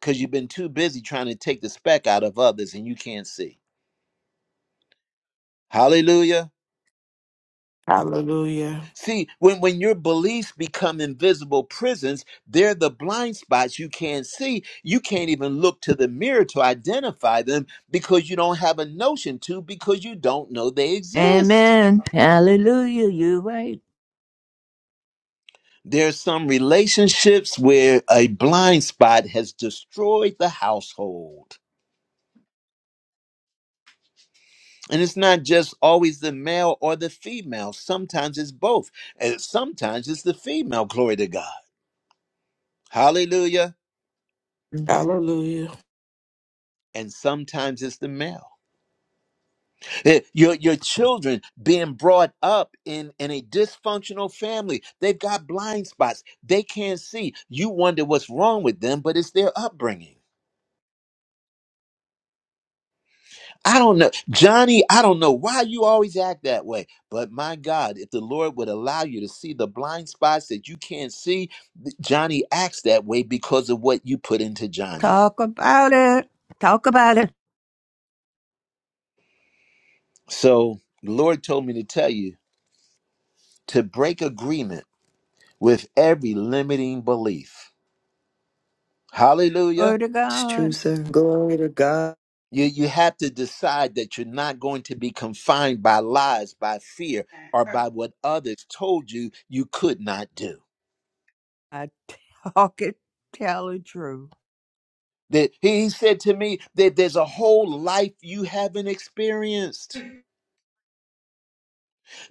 S1: because you've been too busy trying to take the speck out of others and you can't see. Hallelujah.
S5: Hallelujah.
S1: See, when, when your beliefs become invisible prisons, they're the blind spots you can't see. You can't even look to the mirror to identify them because you don't have a notion to, because you don't know they exist.
S7: Amen. Hallelujah. You right.
S1: There's some relationships where a blind spot has destroyed the household. And it's not just always the male or the female. Sometimes it's both. And sometimes it's the female, glory to God. Hallelujah.
S5: Hallelujah.
S1: And sometimes it's the male. Eh, Your, your children being brought up in, in a dysfunctional family, they've got blind spots. They can't see. You wonder what's wrong with them, but it's their upbringing. I don't know. Johnny, I don't know why you always act that way. But my God, if the Lord would allow you to see the blind spots that you can't see, th- Johnny acts that way because of what you put into Johnny.
S7: Talk about it. Talk about it.
S1: So the Lord told me to tell you to break agreement with every limiting belief.
S7: Glory
S1: Hallelujah.
S7: to
S3: It's true,
S7: God.
S3: sir. Glory to God.
S1: You, you have to decide that you're not going to be confined by lies, by fear, or
S8: Thank
S1: by what others told you you could not do.
S7: I talk it, tell the truth.
S1: That he said to me that there's a whole life you haven't experienced.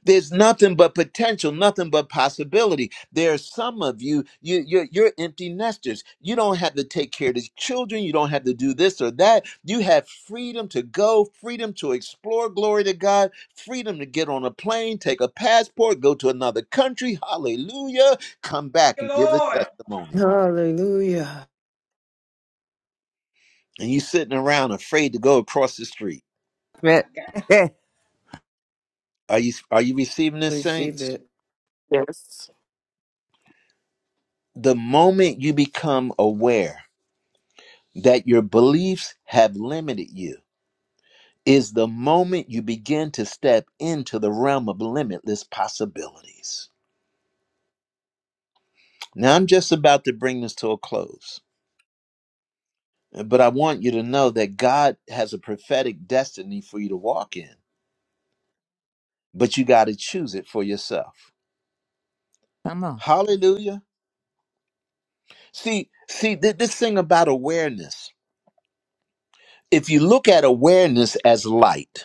S1: There's nothing but potential, nothing but possibility. There are some of you, you you're, you're empty nesters. You don't have to take care of the children. You don't have to do this or that. You have freedom to go, freedom to explore. Glory to God, freedom to get on a plane, take a passport, go to another country. Hallelujah! Come back
S8: you,
S1: and give a
S8: Lord.
S1: testimony.
S3: Hallelujah.
S1: And you are sitting around afraid to go across the street.
S7: But-
S1: Are you are you receiving this,
S3: Receive
S1: saints?
S3: it.
S5: Yes.
S1: The moment you become aware that your beliefs have limited you is the moment you begin to step into the realm of limitless possibilities. Now I'm just about to bring this to a close, but I want you to know that God has a prophetic destiny for you to walk in, but you got to choose it for yourself.
S7: Come on.
S1: Hallelujah. See, see th- this thing about awareness. If you look at awareness as light,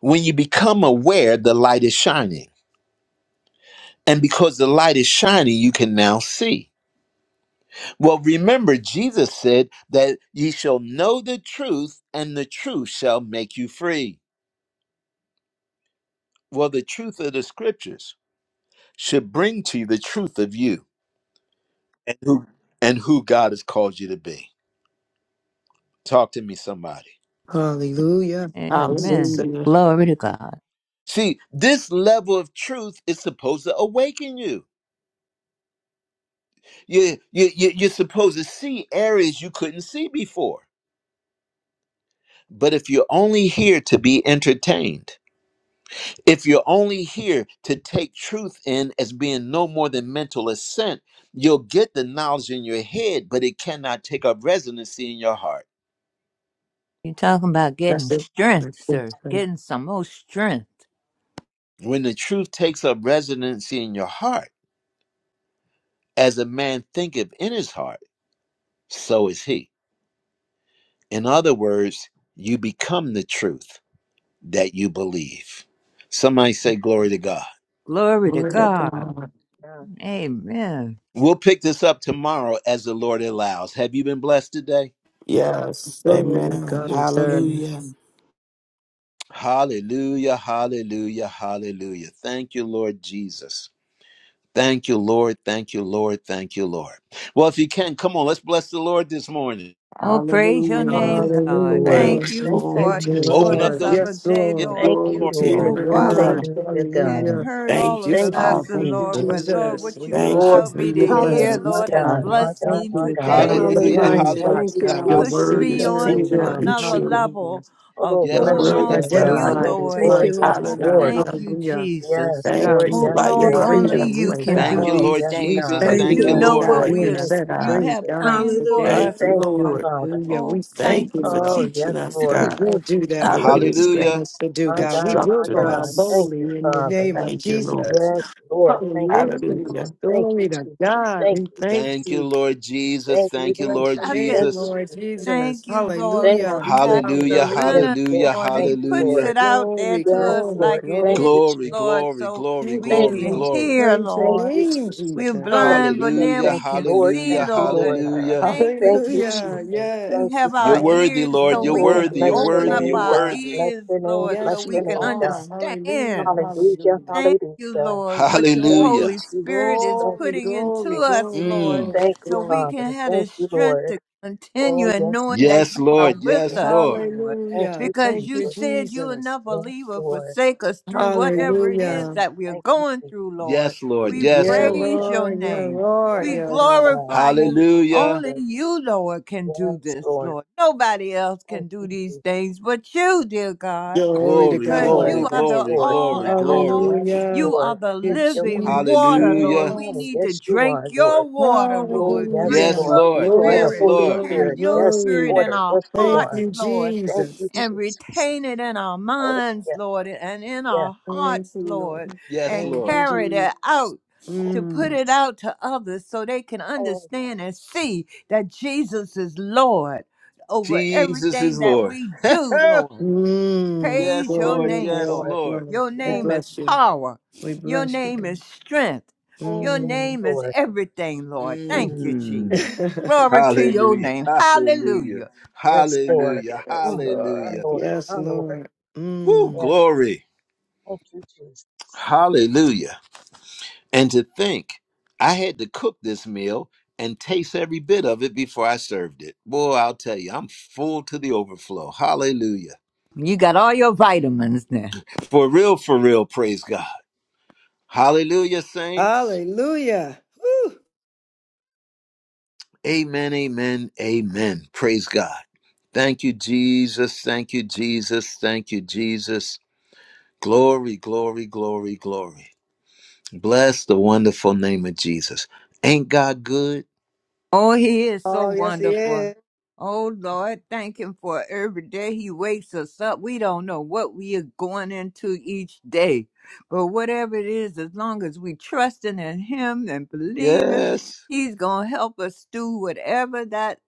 S1: When you become aware, the light is shining. And because the light is shining, you can now see. Well, remember, Jesus said that ye shall know the truth, and the truth shall make you free. Well, the truth of the scriptures should bring to you the truth of you and who, and who God has called you to be. Talk to me, somebody.
S3: Hallelujah. And
S7: Amen.
S3: since the
S5: Hallelujah.
S7: Glory to God.
S1: See, this level of truth is supposed to awaken you. You, you, you you're supposed to see areas you couldn't see before. But if you're only here to be entertained, if you're only here to take truth in as being no more than mental assent, you'll get the knowledge in your head, but it cannot take up residency in your heart.
S7: You're talking about getting
S3: message has
S7: strength,
S3: been
S7: sir.
S3: sent
S7: Getting some more strength.
S1: When the truth takes up residency in your heart, as a man thinketh in his heart, so is he. In other words, you become the truth that you believe. Somebody say, Glory to God.
S7: Glory to
S5: Glory to
S7: God.
S5: God.
S4: God.
S7: Amen.
S1: We'll pick this up tomorrow as the Lord allows. Have you been blessed today?
S4: Yes.
S5: Yes.
S3: forward
S5: Amen.
S3: God is done.
S5: Hallelujah.
S6: Amen.
S1: Hallelujah, hallelujah, hallelujah. Thank you, Lord Jesus. Thank you, Lord. Thank you, Lord. Thank you, Lord. Well, if you can, come on, let's bless the Lord this morning.
S7: Oh, praise your
S5: Hallelujah.
S7: name,
S4: Hallelujah,
S7: God.
S4: Lord.
S3: Hallelujah.
S7: Thank
S5: Thank you,
S7: you,
S3: We
S4: Thank
S5: Lord.
S4: you,
S3: thank
S7: Lord,
S3: you,
S7: for
S1: Open
S4: Jesus.
S1: up
S7: this
S3: Lord.
S1: those.
S7: other
S3: Yes,
S7: day,
S1: Give
S3: Lord.
S1: God
S7: Lord.
S4: Thank
S5: Glory
S4: you,
S1: glory.
S5: to your
S3: The
S4: Lord.
S7: Oh,
S5: name,
S7: Father,
S3: word.
S5: God.
S4: Hallelujah,
S7: hadn't
S4: God.
S3: Hallelujah.
S7: heard all
S5: Thank you,
S7: of the
S4: Thank you,
S5: Father.
S7: lesson,
S3: Thank you,
S7: Lord,
S4: Jesus.
S7: but Lord,
S6: Hallelujah.
S3: Jesus.
S7: what
S3: We
S7: you've
S5: Thank
S3: bless
S5: you
S3: you.
S4: Lord,
S7: allowed
S5: for
S7: me
S4: be
S5: your
S3: God.
S7: to
S4: your
S7: hear,
S4: name.
S6: Hallelujah.
S5: blessings,
S4: My
S7: Lord, has
S4: God,
S5: God.
S3: We
S4: my
S7: blessed
S4: God,
S3: thank
S7: me
S3: you.
S4: my
S3: We come
S4: God.
S3: out
S5: Thank
S3: of the
S5: you,
S1: Hallelujah,
S7: today.
S3: blind
S6: Hallelujah.
S5: Lord.
S4: Thank
S3: spots,
S6: Thank
S4: you,
S6: you,
S1: hallelujah,
S3: God.
S5: Your
S3: We
S6: Lord.
S7: pushed
S4: Jesus.
S3: see
S5: word
S7: me
S5: is
S1: hallelujah.
S4: Thank
S7: on
S3: clearly
S4: you,
S7: to
S5: pure
S3: now.
S5: and
S7: another
S4: Jesus.
S5: true.
S3: Hallelujah.
S7: level
S4: Oh,
S7: of
S5: Your
S1: Yes,
S3: Lord,
S4: bless
S7: going
S3: we
S4: your
S1: Lord.
S3: can
S5: word
S7: on
S1: Yes,
S5: is
S4: name,
S7: for
S5: the
S4: God.
S1: Lord.
S7: you,
S5: light.
S3: identify
S4: Yes,
S3: those
S7: Lord.
S6: Thank
S4: Lord.
S3: blind
S6: you,
S4: Yes,
S6: Lord.
S3: spots,
S7: Oh,
S3: God.
S4: Lord.
S7: thank
S5: Hallelujah.
S7: you,
S3: Hallelujah.
S7: Jesus.
S4: Yes,
S3: God,
S5: Thank you
S4: Lord.
S3: we
S5: for
S7: Oh,
S4: Yes,
S3: walk in
S5: lighting
S7: Lord,
S6: Thank
S5: our
S4: Lord.
S6: you,
S7: only
S3: freedom. We
S7: you
S5: pathway,
S6: Jesus.
S7: can
S3: thank
S1: Thank
S7: do
S5: God,
S3: you.
S1: you,
S4: Oh,
S7: these
S1: Lord
S4: yes,
S7: things
S3: We
S1: Jesus.
S5: for
S4: God.
S7: because
S3: thank
S6: Thank
S3: you
S1: Thank
S5: leading
S7: you
S1: you,
S6: you,
S4: Yes,
S3: Lord,
S5: and
S7: know
S6: Lord.
S1: Lord.
S3: for
S7: what
S4: Lord.
S7: we
S3: being
S5: guiding
S7: are,
S4: Thank
S5: us,
S3: set
S4: you,
S7: you
S5: God.
S3: free,
S7: have
S4: Jesus.
S3: God,
S7: planned for
S3: today.
S5: Thank
S6: Hallelujah.
S7: us,
S5: you,
S4: Thank you,
S7: Lord.
S5: Lord.
S4: Father.
S3: Hallelujah.
S7: Oh,
S3: We
S7: thank
S3: thank
S5: Thank
S3: you,
S5: you
S7: you,
S5: for
S3: Lord.
S7: Lord.
S4: Oh, yes,
S5: teaching us,
S4: Lord.
S3: We
S5: God.
S3: will
S4: Thank
S3: do
S4: you,
S3: that which you
S4: Jesus.
S5: Hallelujah.
S3: decide
S1: Hallelujah.
S3: us to do,
S4: My
S3: God. We
S4: God,
S3: will
S4: my
S3: go
S5: Instructing
S4: God.
S3: out
S4: Thank
S5: us.
S4: you,
S3: boldly in the name
S4: Father.
S3: of
S5: Thank you, Lord.
S3: Jesus.
S4: Yes, Lord. Thank you,
S3: Hallelujah.
S5: Hallelujah.
S4: Jesus. Thank you,
S3: Glory to
S4: Jesus.
S3: God.
S4: Thank
S3: We
S4: you,
S3: thank
S4: Jesus.
S1: Thank you,
S3: you.
S1: Lord Jesus.
S4: Thank
S3: We
S4: you,
S1: Thank you,
S4: Jesus.
S3: bless
S1: Lord
S3: your
S7: I can.
S4: Thank
S3: name,
S4: you,
S1: Jesus.
S3: Lord
S4: Jesus.
S3: Jesus.
S7: Thank you, Lord,
S4: Thank
S7: for
S3: Hallelujah.
S4: you,
S7: Pastor
S4: thank you,
S1: Hallelujah,
S4: Lord. Yes,
S3: Hallelujah.
S7: Leonard,
S4: Lord.
S1: hallelujah,
S7: Lord.
S4: Thank
S7: He
S4: you,
S1: hallelujah.
S7: puts
S4: Lord.
S7: it out there
S3: Glory,
S7: to
S4: Yes,
S7: us
S3: glory,
S4: Lord.
S7: like it
S4: Thank
S7: is,
S3: glory.
S4: you,
S1: Glory,
S7: Lord,
S4: Jesus.
S1: glory,
S7: so
S1: glory,
S3: Thank
S7: we
S3: you,
S4: Thank
S1: glory,
S7: can
S4: you,
S3: Lord.
S4: Jesus.
S1: glory.
S7: hear,
S3: Praise your
S4: Thank
S7: Lord.
S4: you,
S3: name,
S4: Jesus.
S7: We're
S3: Jesus.
S7: blind, but
S4: Hallelujah.
S7: now
S1: Hallelujah,
S4: Thank
S7: we
S4: you,
S7: can
S4: Lord.
S7: see,
S1: hallelujah,
S4: Thank you,
S7: Lord.
S4: Lord.
S1: hallelujah.
S7: Thank you,
S4: Thank you, Jesus.
S3: Hallelujah.
S7: Jesus.
S4: Thank
S7: We
S4: you,
S7: have
S3: Yes,
S1: You're
S7: our
S4: Father.
S3: yes,
S1: worthy,
S7: ears
S1: Lord.
S7: so
S1: You're
S3: Lord.
S7: we
S3: You're
S4: Oh,
S7: can
S1: worthy, you're
S4: bless your
S7: open
S1: worthy,
S7: up
S1: you're
S4: name,
S3: worthy.
S7: our
S4: God. Bless
S1: worthy.
S7: ears,
S4: your name.
S7: Lord, so
S3: Yes,
S4: Bless
S7: we
S4: your
S3: you
S7: can
S4: name, God.
S3: are. Hallelujah.
S7: understand.
S4: Hallelujah.
S3: Hallelujah.
S7: Thank you,
S4: Hallelujah.
S7: Lord, what your
S4: Thank you,
S1: Hallelujah.
S7: Holy Spirit
S4: Jesus.
S7: is
S4: Thank
S3: Glory,
S4: you,
S7: putting into
S3: glory,
S4: Jesus.
S7: us,
S3: glory,
S7: Lord,
S1: Mm.
S3: glory,
S4: Thank you,
S7: so
S3: glory.
S7: we
S4: Father.
S7: can have the
S4: Thank you,
S7: strength
S4: Lord.
S7: to continue
S4: Oh,
S7: and
S4: yes,
S7: knowing
S4: God.
S7: that
S1: Yes,
S7: you are
S1: Lord.
S4: Thank you,
S7: with
S1: Yes,
S4: Lord.
S7: us,
S1: Lord.
S7: Lord,
S4: Thank
S3: Hallelujah.
S4: you,
S7: because
S3: Thank
S7: you
S3: you,
S4: Jesus.
S7: said you will
S3: Jesus.
S7: never
S4: Yes,
S7: leave or
S4: Lord.
S7: forsake us through
S4: Yes,
S7: whatever it
S4: God.
S7: is
S3: Hallelujah.
S7: that we are
S4: Thank you,
S7: going
S4: Jesus.
S7: through, Lord.
S1: Yes, Lord.
S7: We
S1: Yes,
S4: Yes,
S3: Yeah,
S1: Lord.
S7: praise
S4: yes,
S7: your
S3: Lord. Yeah,
S7: name.
S3: Lord.
S7: We
S4: Lord.
S3: Yeah,
S4: Yes,
S3: Lord.
S4: God.
S7: glorify
S4: Thank
S7: you.
S4: you,
S1: Hallelujah.
S7: Only
S4: Jesus.
S7: you, Lord, can do
S4: Yes,
S7: this,
S4: Lord.
S7: Lord. Nobody else
S4: Thank
S7: can do
S4: you,
S7: these
S4: Jesus.
S7: things but you, dear God
S4: Yes,
S3: Glory to
S1: Glory,
S7: because
S4: Lord.
S1: glory,
S3: God.
S7: you are
S4: Yes,
S7: the
S1: glory,
S4: Lord.
S7: all
S1: glory,
S7: and all
S1: glory.
S4: Yes,
S3: Hallelujah.
S7: you
S4: Lord.
S7: are the
S4: Yes,
S3: Thank
S4: you're worthy.
S7: living
S3: you,
S7: water, Lord.
S1: Hallelujah.
S7: We
S4: Oh,
S3: Jesus.
S7: need to
S4: yes, you
S7: drink
S4: are, Lord.
S7: your water,
S4: Oh,
S7: Lord.
S4: yes,
S7: Drink
S1: Yes,
S3: Hallelujah.
S4: Lord.
S7: your
S1: Lord.
S4: You are the
S1: Yes,
S7: spirit.
S3: Glory,
S4: Holy
S1: Lord.
S7: Have
S3: glory,
S4: Spirit.
S7: your
S4: Yes,
S7: spirit
S3: glory.
S7: in
S4: order.
S7: our
S4: Yes, you
S3: Thank
S4: are.
S7: hearts,
S3: you,
S7: Lord,
S4: Thank you,
S3: Jesus.
S7: and
S4: Jesus.
S7: retain it in our
S4: Oh,
S7: minds,
S4: yes,
S7: Lord, and in
S4: yes.
S7: our
S3: Thank
S7: hearts,
S3: you,
S7: Lord,
S3: Lord.
S1: Yes,
S7: and
S3: Thank
S1: Lord.
S3: you,
S7: carry
S3: Jesus.
S7: that out
S4: Oh,
S7: to put
S3: Mm.
S7: it
S4: yes.
S7: out to others so they can
S4: Oh,
S7: understand and see that Jesus is Lord over
S1: Jesus is
S7: everything that
S1: Lord.
S7: we do, Lord.
S3: Mm.
S7: Praise
S1: yes,
S4: yes.
S7: your
S1: Lord.
S3: Glory,
S4: Oh,
S7: name,
S1: Yes,
S7: Lord.
S3: glory,
S4: Lord.
S1: Lord.
S3: glory.
S7: Your
S3: We
S4: Yes,
S7: name is
S3: bless you.
S7: power.
S3: We
S7: Your
S3: bless you,
S7: name
S3: God.
S7: is strength.
S4: oh,
S7: Your
S4: yes,
S3: Mm.
S7: name is
S4: Lord.
S7: everything, Lord.
S4: Mm,
S7: Thank you,
S1: Mm.
S7: Jesus.
S3: yeah,
S7: Glory to your
S1: Hallelujah.
S7: name.
S1: Hallelujah.
S7: Hallelujah.
S4: yes, Lord.
S1: Hallelujah.
S3: yes,
S4: Mm, my
S3: Lord.
S1: Hallelujah.
S4: Lord,
S3: Yes,
S4: my Lord.
S3: Lord.
S1: Woo,
S3: Mm.
S4: Yeah,
S1: glory.
S4: thank you, Jesus.
S1: Hallelujah. And to think I had to cook this meal and taste every bit of it before I served it. Boy, I'll tell you, I'm full to the overflow. Hallelujah.
S7: You got all your vitamins now.
S1: For real, for real, praise God. Hallelujah, saints.
S3: Hallelujah.
S1: Amen, amen, amen. Praise God. Thank you, Jesus. Thank you, Jesus. Thank you, Jesus. Glory, glory, glory, glory. Bless the wonderful name of Jesus. Ain't God good?
S7: Oh, he is so
S3: Oh, yes, He is.
S7: wonderful. Oh, Lord, thank him for every day he wakes us up. We don't know what we are going into each day, but whatever it is, as long as we trusting in him and believing,
S1: Yes,
S7: he's going to help us do whatever that,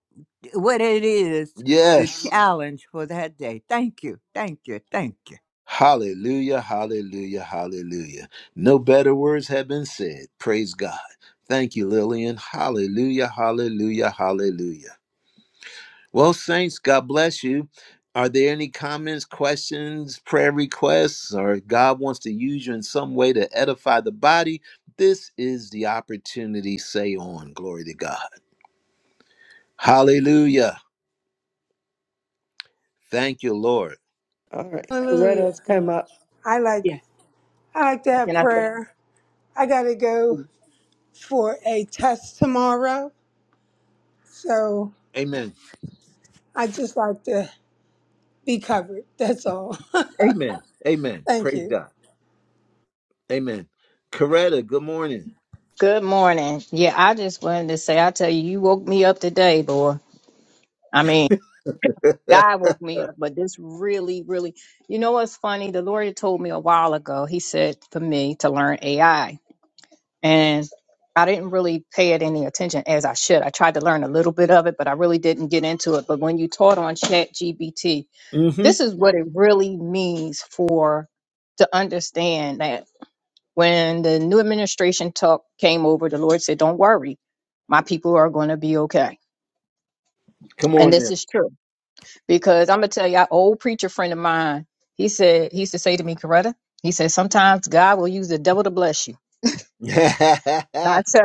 S7: what it is, the
S1: yes.
S7: challenge for that day. Thank you. Thank you. Thank you.
S1: Hallelujah, hallelujah, hallelujah. No better words have been said. Praise God. Thank you, Lillian. Hallelujah, hallelujah, hallelujah. Well, Saints, God bless you. Are there any comments, questions, prayer requests, or God wants to use you in some way to edify the body? This is the opportunity. Say on. Glory to God. Hallelujah. Thank you, Lord.
S3: All right.
S6: Hallelujah.
S3: Coretta's come
S9: Hello.
S3: up.
S6: I like
S9: Yeah.
S6: I like to have
S9: Can I? say?
S6: prayer. I gotta go for a test tomorrow. So
S1: Amen.
S6: I just like to be covered. That's all.
S1: Amen. Amen.
S6: Thank
S1: Praise
S6: you.
S1: God. Amen. Coretta, good morning.
S9: Good morning. Yeah, I just wanted to say, I tell you, you woke me up today, boy. I mean, God woke me up, but this really, really, you know what's funny? The Lord had told me a while ago, He said for me to learn AI. And I didn't really pay it any attention as I should. I tried to learn a little bit of it, but I really didn't get into it. But when you taught on Chat GBT,
S1: Mm-hmm.
S9: this is what it really means for to understand that. When the new administration talk came over, the Lord said, Don't worry, my people are going to be okay.
S1: Come
S9: And
S1: on
S9: this
S1: now.
S9: is true because I'm going to tell you, an old preacher friend of mine, he said, he used to say to me, Coretta, he said, Sometimes God will use the devil to bless you. Not so.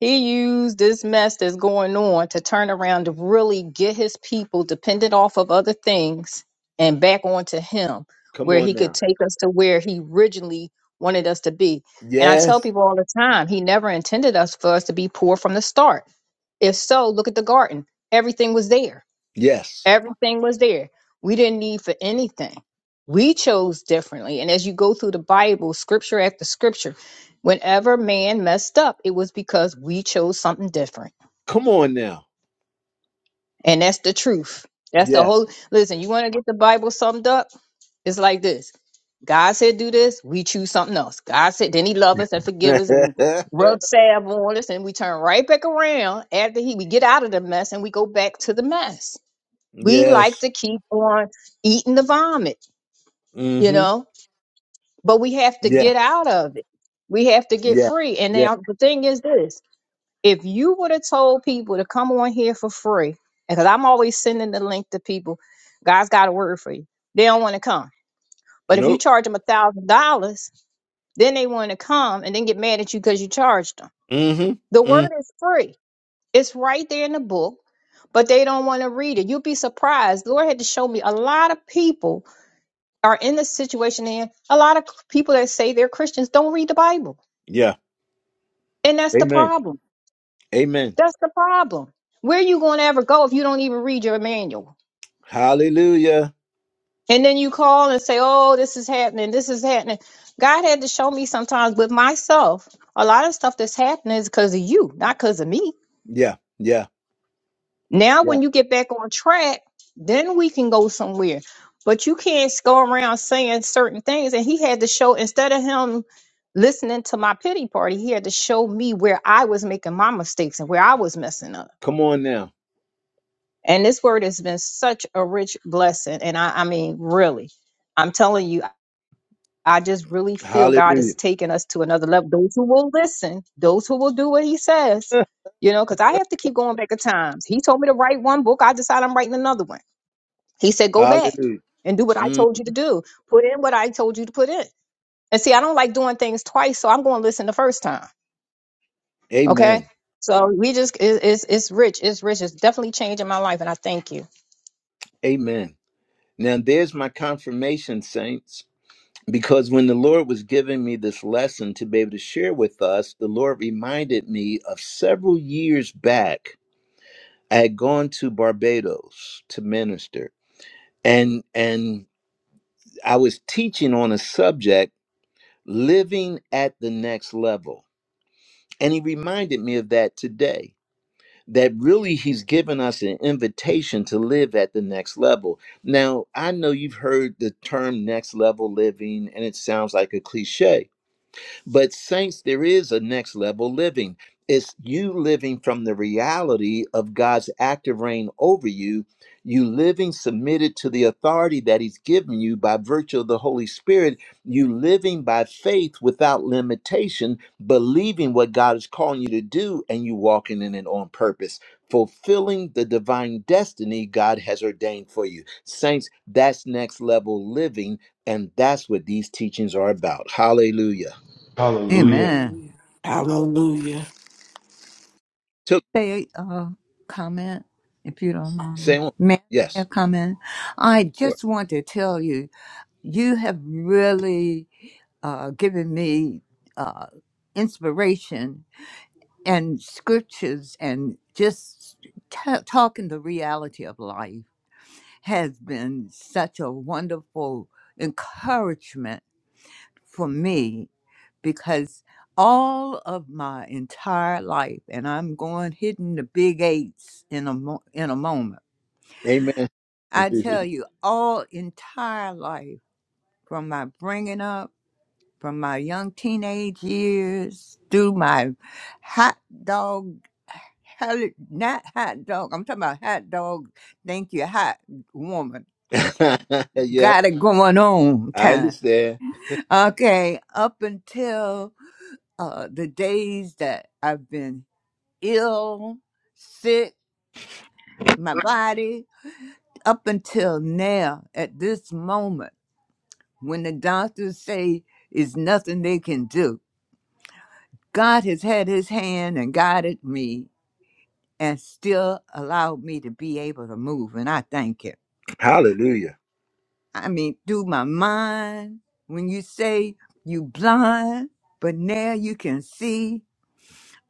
S9: He used this mess that's going on to turn around to really get his people dependent off of other things and back onto him,
S1: Come
S9: where
S1: on
S9: he could
S1: now.
S9: take us to where he originally wanted us to be. And I tell
S1: Yes.
S9: people all the time, he never intended us for us to be poor from the start. If so, look at the garden. Everything was there
S1: Yes.
S9: Everything was there. We didn't need for anything. We chose differently. And as you go through the Bible, scripture after scripture, whenever man messed up, it was because we chose something different.
S1: Come on now.
S9: And that's the truth. That's the
S1: Yes.
S9: whole listen, you want to get the Bible summed up? It's like this. God said do this, we choose something else. God said then he love us and forgive us and rub salve on us and we turn right back around after he we get out of the mess and we go back to the mess. We
S1: yes.
S9: like to keep on eating the vomit you
S1: Mm-hmm.
S9: know but we have to
S1: Yeah.
S9: get out of it we have to get
S1: Yeah.
S9: free and
S1: Yeah.
S9: now the thing is this if you would have told people to come on here for free because i'm always sending the link to people god's got a word for you they don't want to come but if you
S1: Nope.
S9: charge them a thousand dollars then they want to come and then get mad at you because you charged them the
S1: Mm-hmm. Mm.
S9: word is free it's right there in the book but they don't want to read it you will be surprised The lord had to show me a lot of people are in the situation in a lot of people that say they're Christians don't read the Bible.
S1: Yeah.
S9: And that's the
S1: Amen.
S9: problem.
S1: Amen.
S9: That's the problem. Where you going to ever go if you don't even read your manual?
S1: Hallelujah.
S9: And then you call and say, "Oh, this is happening. This is happening." God had to show me sometimes with myself. A lot of stuff that's happening is because of you, not because of me.
S1: Yeah. Yeah.
S9: Now,
S1: Yeah.
S9: when you get back on track, then we can go somewhere. But you can't go around saying certain things. And he had to show, instead of him listening to my pity party, he had to show me where I was making my mistakes and where I was messing up.
S1: Come on now.
S9: And this word has been such a rich blessing. And I, I mean, really, I'm telling you, I just really feel God
S1: Hallelujah.
S9: is taking us to another level. Those who will listen, those who will do what he says, you know, because I have to keep going back at times. He told me to write one book, I decide I'm writing another one He said, go back
S1: Hallelujah.
S9: and do what I
S1: Mm.
S9: told you to do. Put in what I told you to put in. And see, I don't like doing things twice, so I'm going to listen the first time. Okay.
S1: Amen.
S9: So we just, it, it's, it's rich. It's rich. It's definitely changing my life. And I thank you.
S1: Amen. Now there's my confirmation, saints. Because when the Lord was giving me this lesson to be able to share with us, the Lord reminded me of several years back. I had gone to Barbados to minister. And and I was teaching on a subject, living at the next level. And he reminded me of that today. That really, he's given us an invitation to live at the next level. Now, I know you've heard the term next level living, and it sounds like a cliche. But, saints, there is a next level living. It's you living from the reality of God's active reign over you, you living submitted to the authority that He's given you by virtue of the Holy Spirit, you living by faith without limitation, believing what God is calling you to do, and you walking in it on purpose, fulfilling the divine destiny God has ordained for you. Saints, that's next level living, and that's what these teachings are about. Hallelujah
S2: Hallelujah.
S7: Amen.
S6: Hallelujah.
S5: Hallelujah.
S7: Say uh, comment if you don't mind.
S1: Same one.
S7: May I say a
S1: Yes.
S7: comment? I
S1: Sure.
S7: just want to tell you. you have really uh, given me uh, inspiration and scriptures and just ta talking the reality of life has been such a wonderful encouragement for me because all of my entire life and i'm going hitting the big eights in a mo- in a moment
S1: Amen.
S7: i tell you all entire life from my bringing up from my young teenage years through my hot dog, hell, not hot dog, I'm talking about hot dog, thank you, hot woman.
S1: yes,
S7: Got it going on
S1: I
S7: time.
S1: understand.
S7: Okay, up until uh, the days that I've been ill, sick, my body, up until now, at this moment, when the doctors say is nothing they can do. God has had his hand and guided me and still allowed me to be able to move. And I thank him.
S1: Hallelujah.
S7: I mean, through my mind, when you say you blind, but now you can see,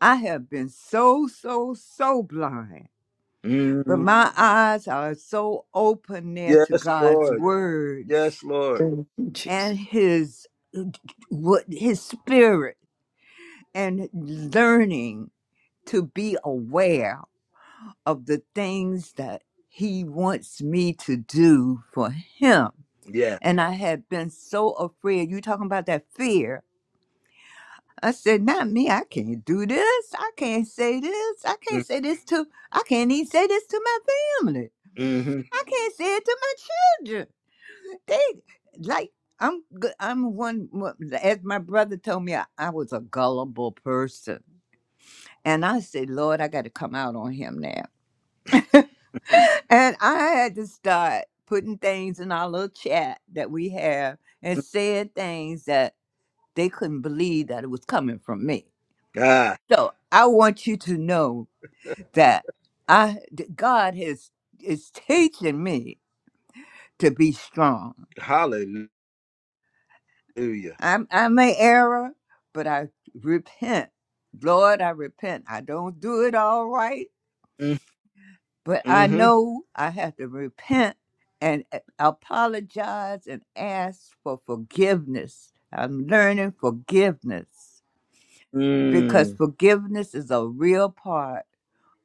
S7: I have been so, so, so blind. But
S1: Mm,
S7: my eyes are so open there to
S1: yes,
S7: God's
S1: Lord. Yes,
S7: words
S1: Lord.
S3: Thank you, Jesus.
S7: and his what his spirit and learning to be aware of the things that he wants me to do for him.
S1: Yeah.
S7: And I had been so afraid. You talking about that fear. I said, not me. I can't do this. I can't say this. I can't
S1: Mm,
S7: say this to, I can't even say this to my family.
S1: Mm-hmm.
S7: I can't say it to my children. They, like, I'm good. I'm one, as my brother told me, I, I was a gullible person. And I said, Lord, I got to come out on him now. And I had to start putting things in our little chat that we have and saying things that they couldn't believe that it was coming from me.
S1: God.
S7: So I want you to know that I that God has is teaching me to be strong.
S1: Hallelujah.
S7: I'm I'm an error, but I repent. Lord, I repent. I don't do it all right.
S1: Mm,
S7: But I
S1: Mm-hmm.
S7: know I have to repent and a- apologize and ask for forgiveness. I'm learning forgiveness because
S1: Mm.
S7: forgiveness is a real part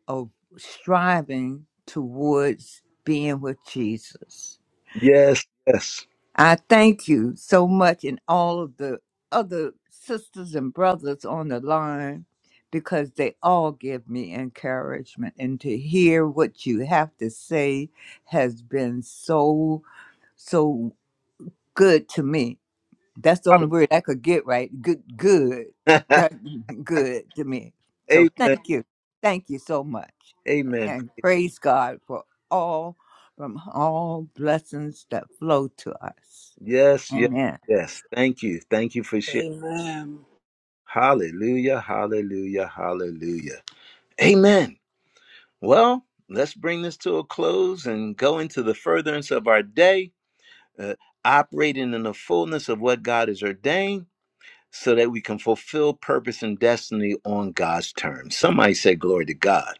S7: of striving towards being with Jesus.
S1: Yes, yes.
S7: I thank you so much and all of the other sisters and brothers on the line because they all give me encouragement and to hear what you have to say has been so so good to me. That's the only word I could get right. Good good.
S1: Hallelujah.
S7: That good to me. So
S1: Amen.
S7: thank you. Thank you so much.
S1: Amen.
S7: And praise God for all from all blessings that flow to us.
S1: Yes, yes,
S7: Amen.
S1: yes. Thank you. Thank you for sharing.
S6: Amen.
S1: Hallelujah. Hallelujah. Hallelujah. Amen. Well, let's bring this to a close and go into the furtherance of our day, uh, operating in the fullness of what God has ordained so that we can fulfill purpose and destiny on God's terms. Somebody say, Glory to God.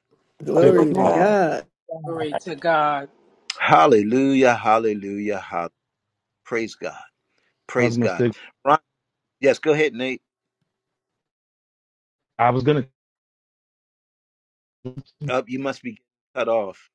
S5: Glory
S2: To
S5: to
S3: Glory to
S2: God.
S5: God.
S3: God.
S4: Yeah,
S6: Glory to God.
S1: Hallelujah, hallelujah, hallelujah. Praise God. Praise
S2: Cosmos
S1: God.
S2: Sigma.
S1: Ron, yes, go ahead, Nate.
S2: I was gonna.
S1: Up, you must be cut off.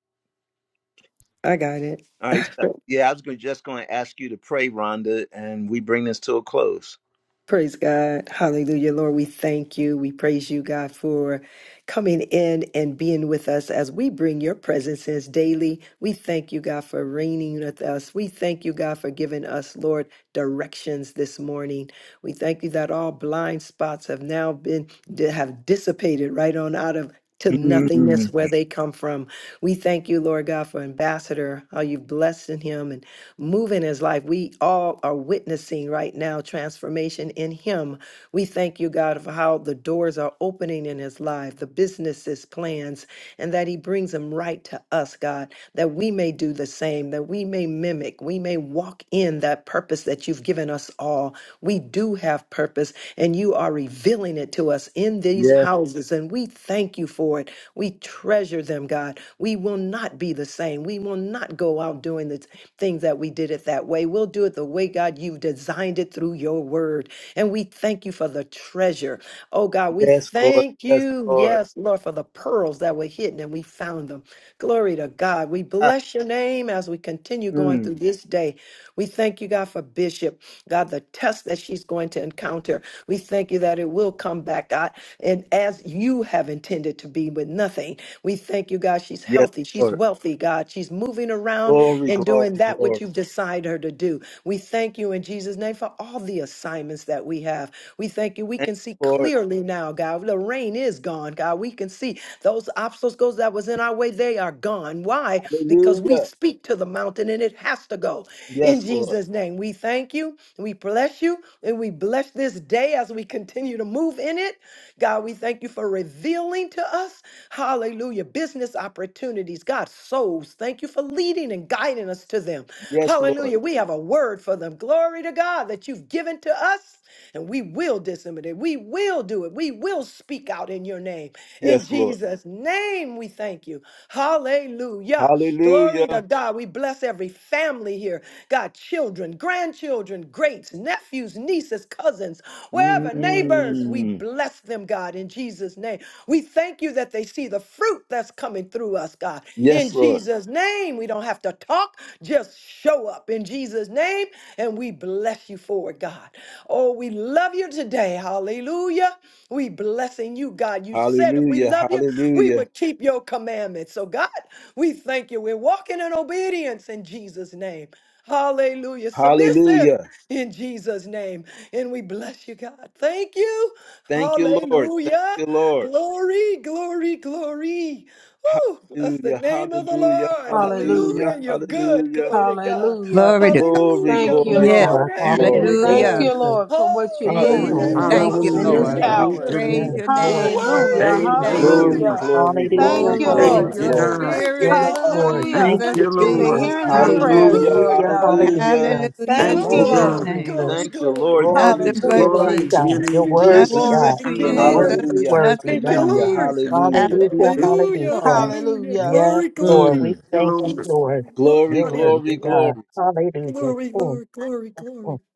S3: I got it.
S1: All right. so- Yeah, I was gonna, just going to ask you to pray, Rhonda, and we bring this to a close.
S3: Praise God. Hallelujah. Lord, we thank you. We praise you, God, for coming in and being with us as we bring your presences daily. We thank you, God, for reigning with us. We thank you, God, for giving us, Lord, directions this morning. We thank you that all blind spots have now been, have dissipated right on out of to nothingness
S1: Mm,
S3: where they come from. We thank you, Lord God, for Ambassador, how you've blessed in him move in his life. We all are witnessing right now transformation in him. We thank you, God, for how the doors are opening in his life, the businesses, plans, and that he brings them right to us, God, that we may do the same, that we may mimic, we may walk in that purpose that you've given us all. We do have purpose, and you are revealing it to us in these
S1: Yes,
S3: houses, and we thank you for it. We treasure them, God. We will not be the same. We will not go out doing the things that we did it that way. We'll do it the way, God, you've designed it through your word. And we thank you for the treasure. Oh, God, we
S1: yes, Lord.
S3: thank
S1: Yes,
S3: you,
S1: Lord.
S3: yes, Lord, for the pearls that were hidden and we found them. Glory to God. We bless your name as we continue going through
S1: Mm.
S3: this day. We thank you, God, for Bishop. God, the test that she's going to encounter. We thank you that it will come back, God, and as you have intended to be with nothing. We thank you, God, she's
S1: Yes,
S3: healthy, she's
S1: Lord.
S3: wealthy, God, she's moving around
S1: Glory,
S3: and doing
S1: glory,
S3: that which
S1: glory.
S3: you've decided her to do. We thank you in Jesus' name for all the assignments that we have. We thank you. We
S1: Thank
S3: can see
S1: you, Lord.
S3: clearly now, God. The rain is gone, God. We can see those obstacles that was in our way, they are gone. Why? Because we
S1: Hallelujah.
S3: speak to the mountain and it has to go. In
S1: Yes, Lord.
S3: Jesus' name, we thank you. We bless you and we bless this day as we continue to move in it. God, we thank you for revealing to us, hallelujah, business opportunities. God, souls, thank you for leading and guiding us to them.
S1: Yes, Lord.
S3: Hallelujah. We have a word for them. Glory to God that you've given to us, and we will disseminate. We will do it. We will speak out in your name. In
S1: Yes, Lord.
S3: Jesus' name, we thank you. Hallelujah. Glory to
S1: Hallelujah.
S3: God. We bless every family here. God, children, grandchildren, greats, nephews, nieces, cousins, wherever, neighbors, we
S1: Mm.
S3: bless them, God, in Jesus' name. We thank you that they see the fruit that's coming through us, God, in
S1: Yes, Lord.
S3: Jesus' name. We don't have to talk, just show up in Jesus' name, and we bless you for it, God. Oh, we love you today. Hallelujah. We blessing you, God. You said if we
S1: Hallelujah.
S3: love you, we
S1: Hallelujah.
S3: would keep your commandments. So, God, we thank you. We're walking in obedience in Jesus' name. Hallelujah. Submissive
S1: Hallelujah.
S3: in Jesus' name. And we bless you, God. Thank you.
S1: Thank you, Lord. Thank
S3: Hallelujah.
S1: you, Lord.
S3: Glory, glory, glory. Woo, bless the
S1: Hallelujah.
S3: name of the
S1: Hallelujah.
S3: Lord.
S1: Hallelujah.
S3: Hallelujah.
S6: Hallelujah.
S3: You're good.
S1: Hallelujah.
S3: Glory to God.
S6: Hallelujah.
S7: Glory to God.
S1: Glory,
S3: Hallelujah.
S6: Thank you,
S1: glory,
S4: oh
S3: Bless
S7: Yes.
S3: your
S6: Lord.
S4: God,
S1: glory,
S3: name,
S1: glory,
S3: Lord
S4: hallelujah,
S6: Thank
S7: Hallelujah.
S6: you,
S3: God.
S1: glory.
S4: Jesus.
S6: Lord, for what
S3: Oh,
S6: you're
S4: Thank
S3: bless
S4: you,
S3: the
S6: doing
S7: Jesus,
S3: name
S4: Lord.
S3: of
S1: Hallelujah.
S3: the
S7: thank you,
S6: in
S3: Lord, for
S5: Hallelujah.
S6: this
S4: Hallelujah.
S7: Lord.
S1: Hallelujah.
S3: you are
S5: Thank
S6: hour.
S5: you,
S3: good.
S1: Hallelujah.
S4: Yes,
S7: Praise
S5: Lord.
S7: your
S4: Lord.
S3: You're
S7: name,
S4: Thank you,
S7: Lord.
S6: Hallelujah.
S3: worthy,
S7: We
S5: Thank you,
S4: Jesus.
S7: thank you.
S3: Lord,
S1: Glory,
S5: Lord.
S6: Hallelujah.
S1: glory,
S7: Oh,
S4: Hallelujah,
S1: glory,
S6: Thank
S3: worthy.
S6: you,
S1: glory,
S7: Lord,
S5: Thank
S6: Lord.
S3: Hallelujah.
S5: you,
S7: your
S4: hallelujah.
S1: glory.
S5: God.
S3: Thank
S4: Yes,
S3: you,
S7: spirit.
S3: Lord.
S4: Lord. Thank
S5: Thank
S6: Hallelujah.
S7: Jesus,
S4: you,
S5: you,
S3: Thank
S6: For
S3: you,
S5: Lord.
S4: Jesus.
S7: Jesus,
S6: hearing
S3: Lord.
S6: our
S7: Jesus.
S6: prayers,
S1: Hallelujah,
S5: Hallelujah.
S6: Lord
S4: Hallelujah,
S3: Hallelujah.
S6: God.
S1: hallelujah.
S3: Hallelujah.
S4: hallelujah.
S7: Hallelujah
S6: Thank
S5: Thank
S7: to
S5: you,
S6: you,
S4: Thank you,
S7: his
S6: Lord.
S5: God.
S3: Glory,
S7: name.
S3: glory,
S4: Jesus.
S1: Thank you,
S3: glory,
S1: Lord
S4: Glory
S3: glory.
S7: Nothing
S4: to
S1: Jesus.
S4: your
S7: but
S6: Hallelujah.
S5: Glory
S4: name,
S5: to your
S4: God.
S7: Jesus.
S3: Thank
S4: You're
S3: you,
S5: name, God.
S4: worthy,
S3: Jesus.
S7: Nothing
S6: Glory
S4: God.
S7: but
S6: to
S3: Thank you,
S6: your
S5: Hallelujah.
S6: name.
S7: Jesus.
S3: Lord.
S4: Worthy,
S1: Hallelujah,
S4: worthy,
S7: Nothing
S3: Thank
S7: but
S3: you,
S4: God.
S1: hallelujah,
S3: Lord.
S7: Jesus.
S1: hallelujah.
S5: Thank
S4: Hallelujah,
S7: Hallelujah.
S3: Hallelujah.
S7: Lord.
S4: hallelujah.
S3: Hallelujah.
S6: Hallelujah.
S4: Yes,
S3: Glory,
S4: Lord.
S3: glory.
S4: We
S1: Mm.
S5: you,
S4: thank you,
S5: Lord.
S4: Lord.
S3: Walk
S1: Glory,
S4: You're
S3: out in
S1: glory,
S4: worthy, God.
S1: glory.
S4: Hallelujah.
S3: glory,
S4: King
S3: glory, glory,
S4: of
S3: glory.
S4: kings,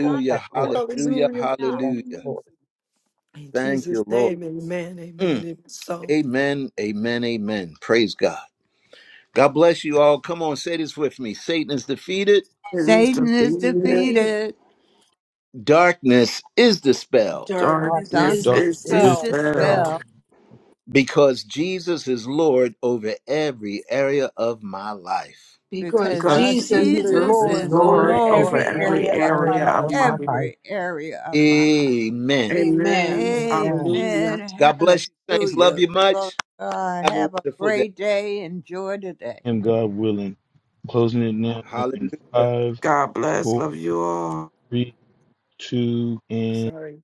S4: Lord of lords.
S1: hallelujah,
S3: Hallelujah.
S4: Yes,
S1: hallelujah.
S3: Hallelujah.
S4: Lord.
S3: In
S1: Thank you,
S3: Jesus'
S1: Lord.
S3: name, amen, amen.
S1: Mm.
S3: It's so
S1: Amen, amen, amen. Praise God. God bless you all. Come on, say this with me Satan is defeated,
S5: It is
S7: Satan is
S5: defeated.
S4: Leader,
S6: Defeated
S7: defeated.
S1: darkness is dispelled
S6: darkness
S5: Darkness
S4: darkness,
S6: is
S7: Darkness
S2: Dark
S5: is
S7: is
S4: is
S2: this
S6: dispelled
S4: the
S5: dispelled
S4: spell.
S7: dispelled
S1: because Jesus is Lord over every area of my life.
S6: because
S7: because
S4: For
S7: our
S5: because
S6: Jesus is
S4: Jesus
S7: Jesus
S5: Jesus
S4: is
S6: Lord
S5: is
S7: is
S4: Lord
S6: over
S2: day,
S5: Lord
S7: Lord
S5: over
S4: over
S6: every
S5: every
S4: every
S6: area
S7: over
S6: of
S4: area
S6: my
S5: area of
S4: of
S6: life.
S5: my
S4: my
S5: life.
S4: life.
S7: every area of my life.
S1: Amen.
S5: Amen.
S6: Amen.
S4: Amen.
S5: Hallelujah.
S7: Amen.
S1: God bless you, saints. Love
S7: Hallelujah.
S1: you
S7: Glory to
S1: much.
S7: God.
S1: Have a
S7: Have a
S1: wonderful day.
S7: great day. Enjoy the day.
S2: and God willing. Closing it now in
S1: Hallelujah.
S2: five,
S5: God bless.
S2: four,
S5: Love you all.
S2: three, two, and.
S3: sorry.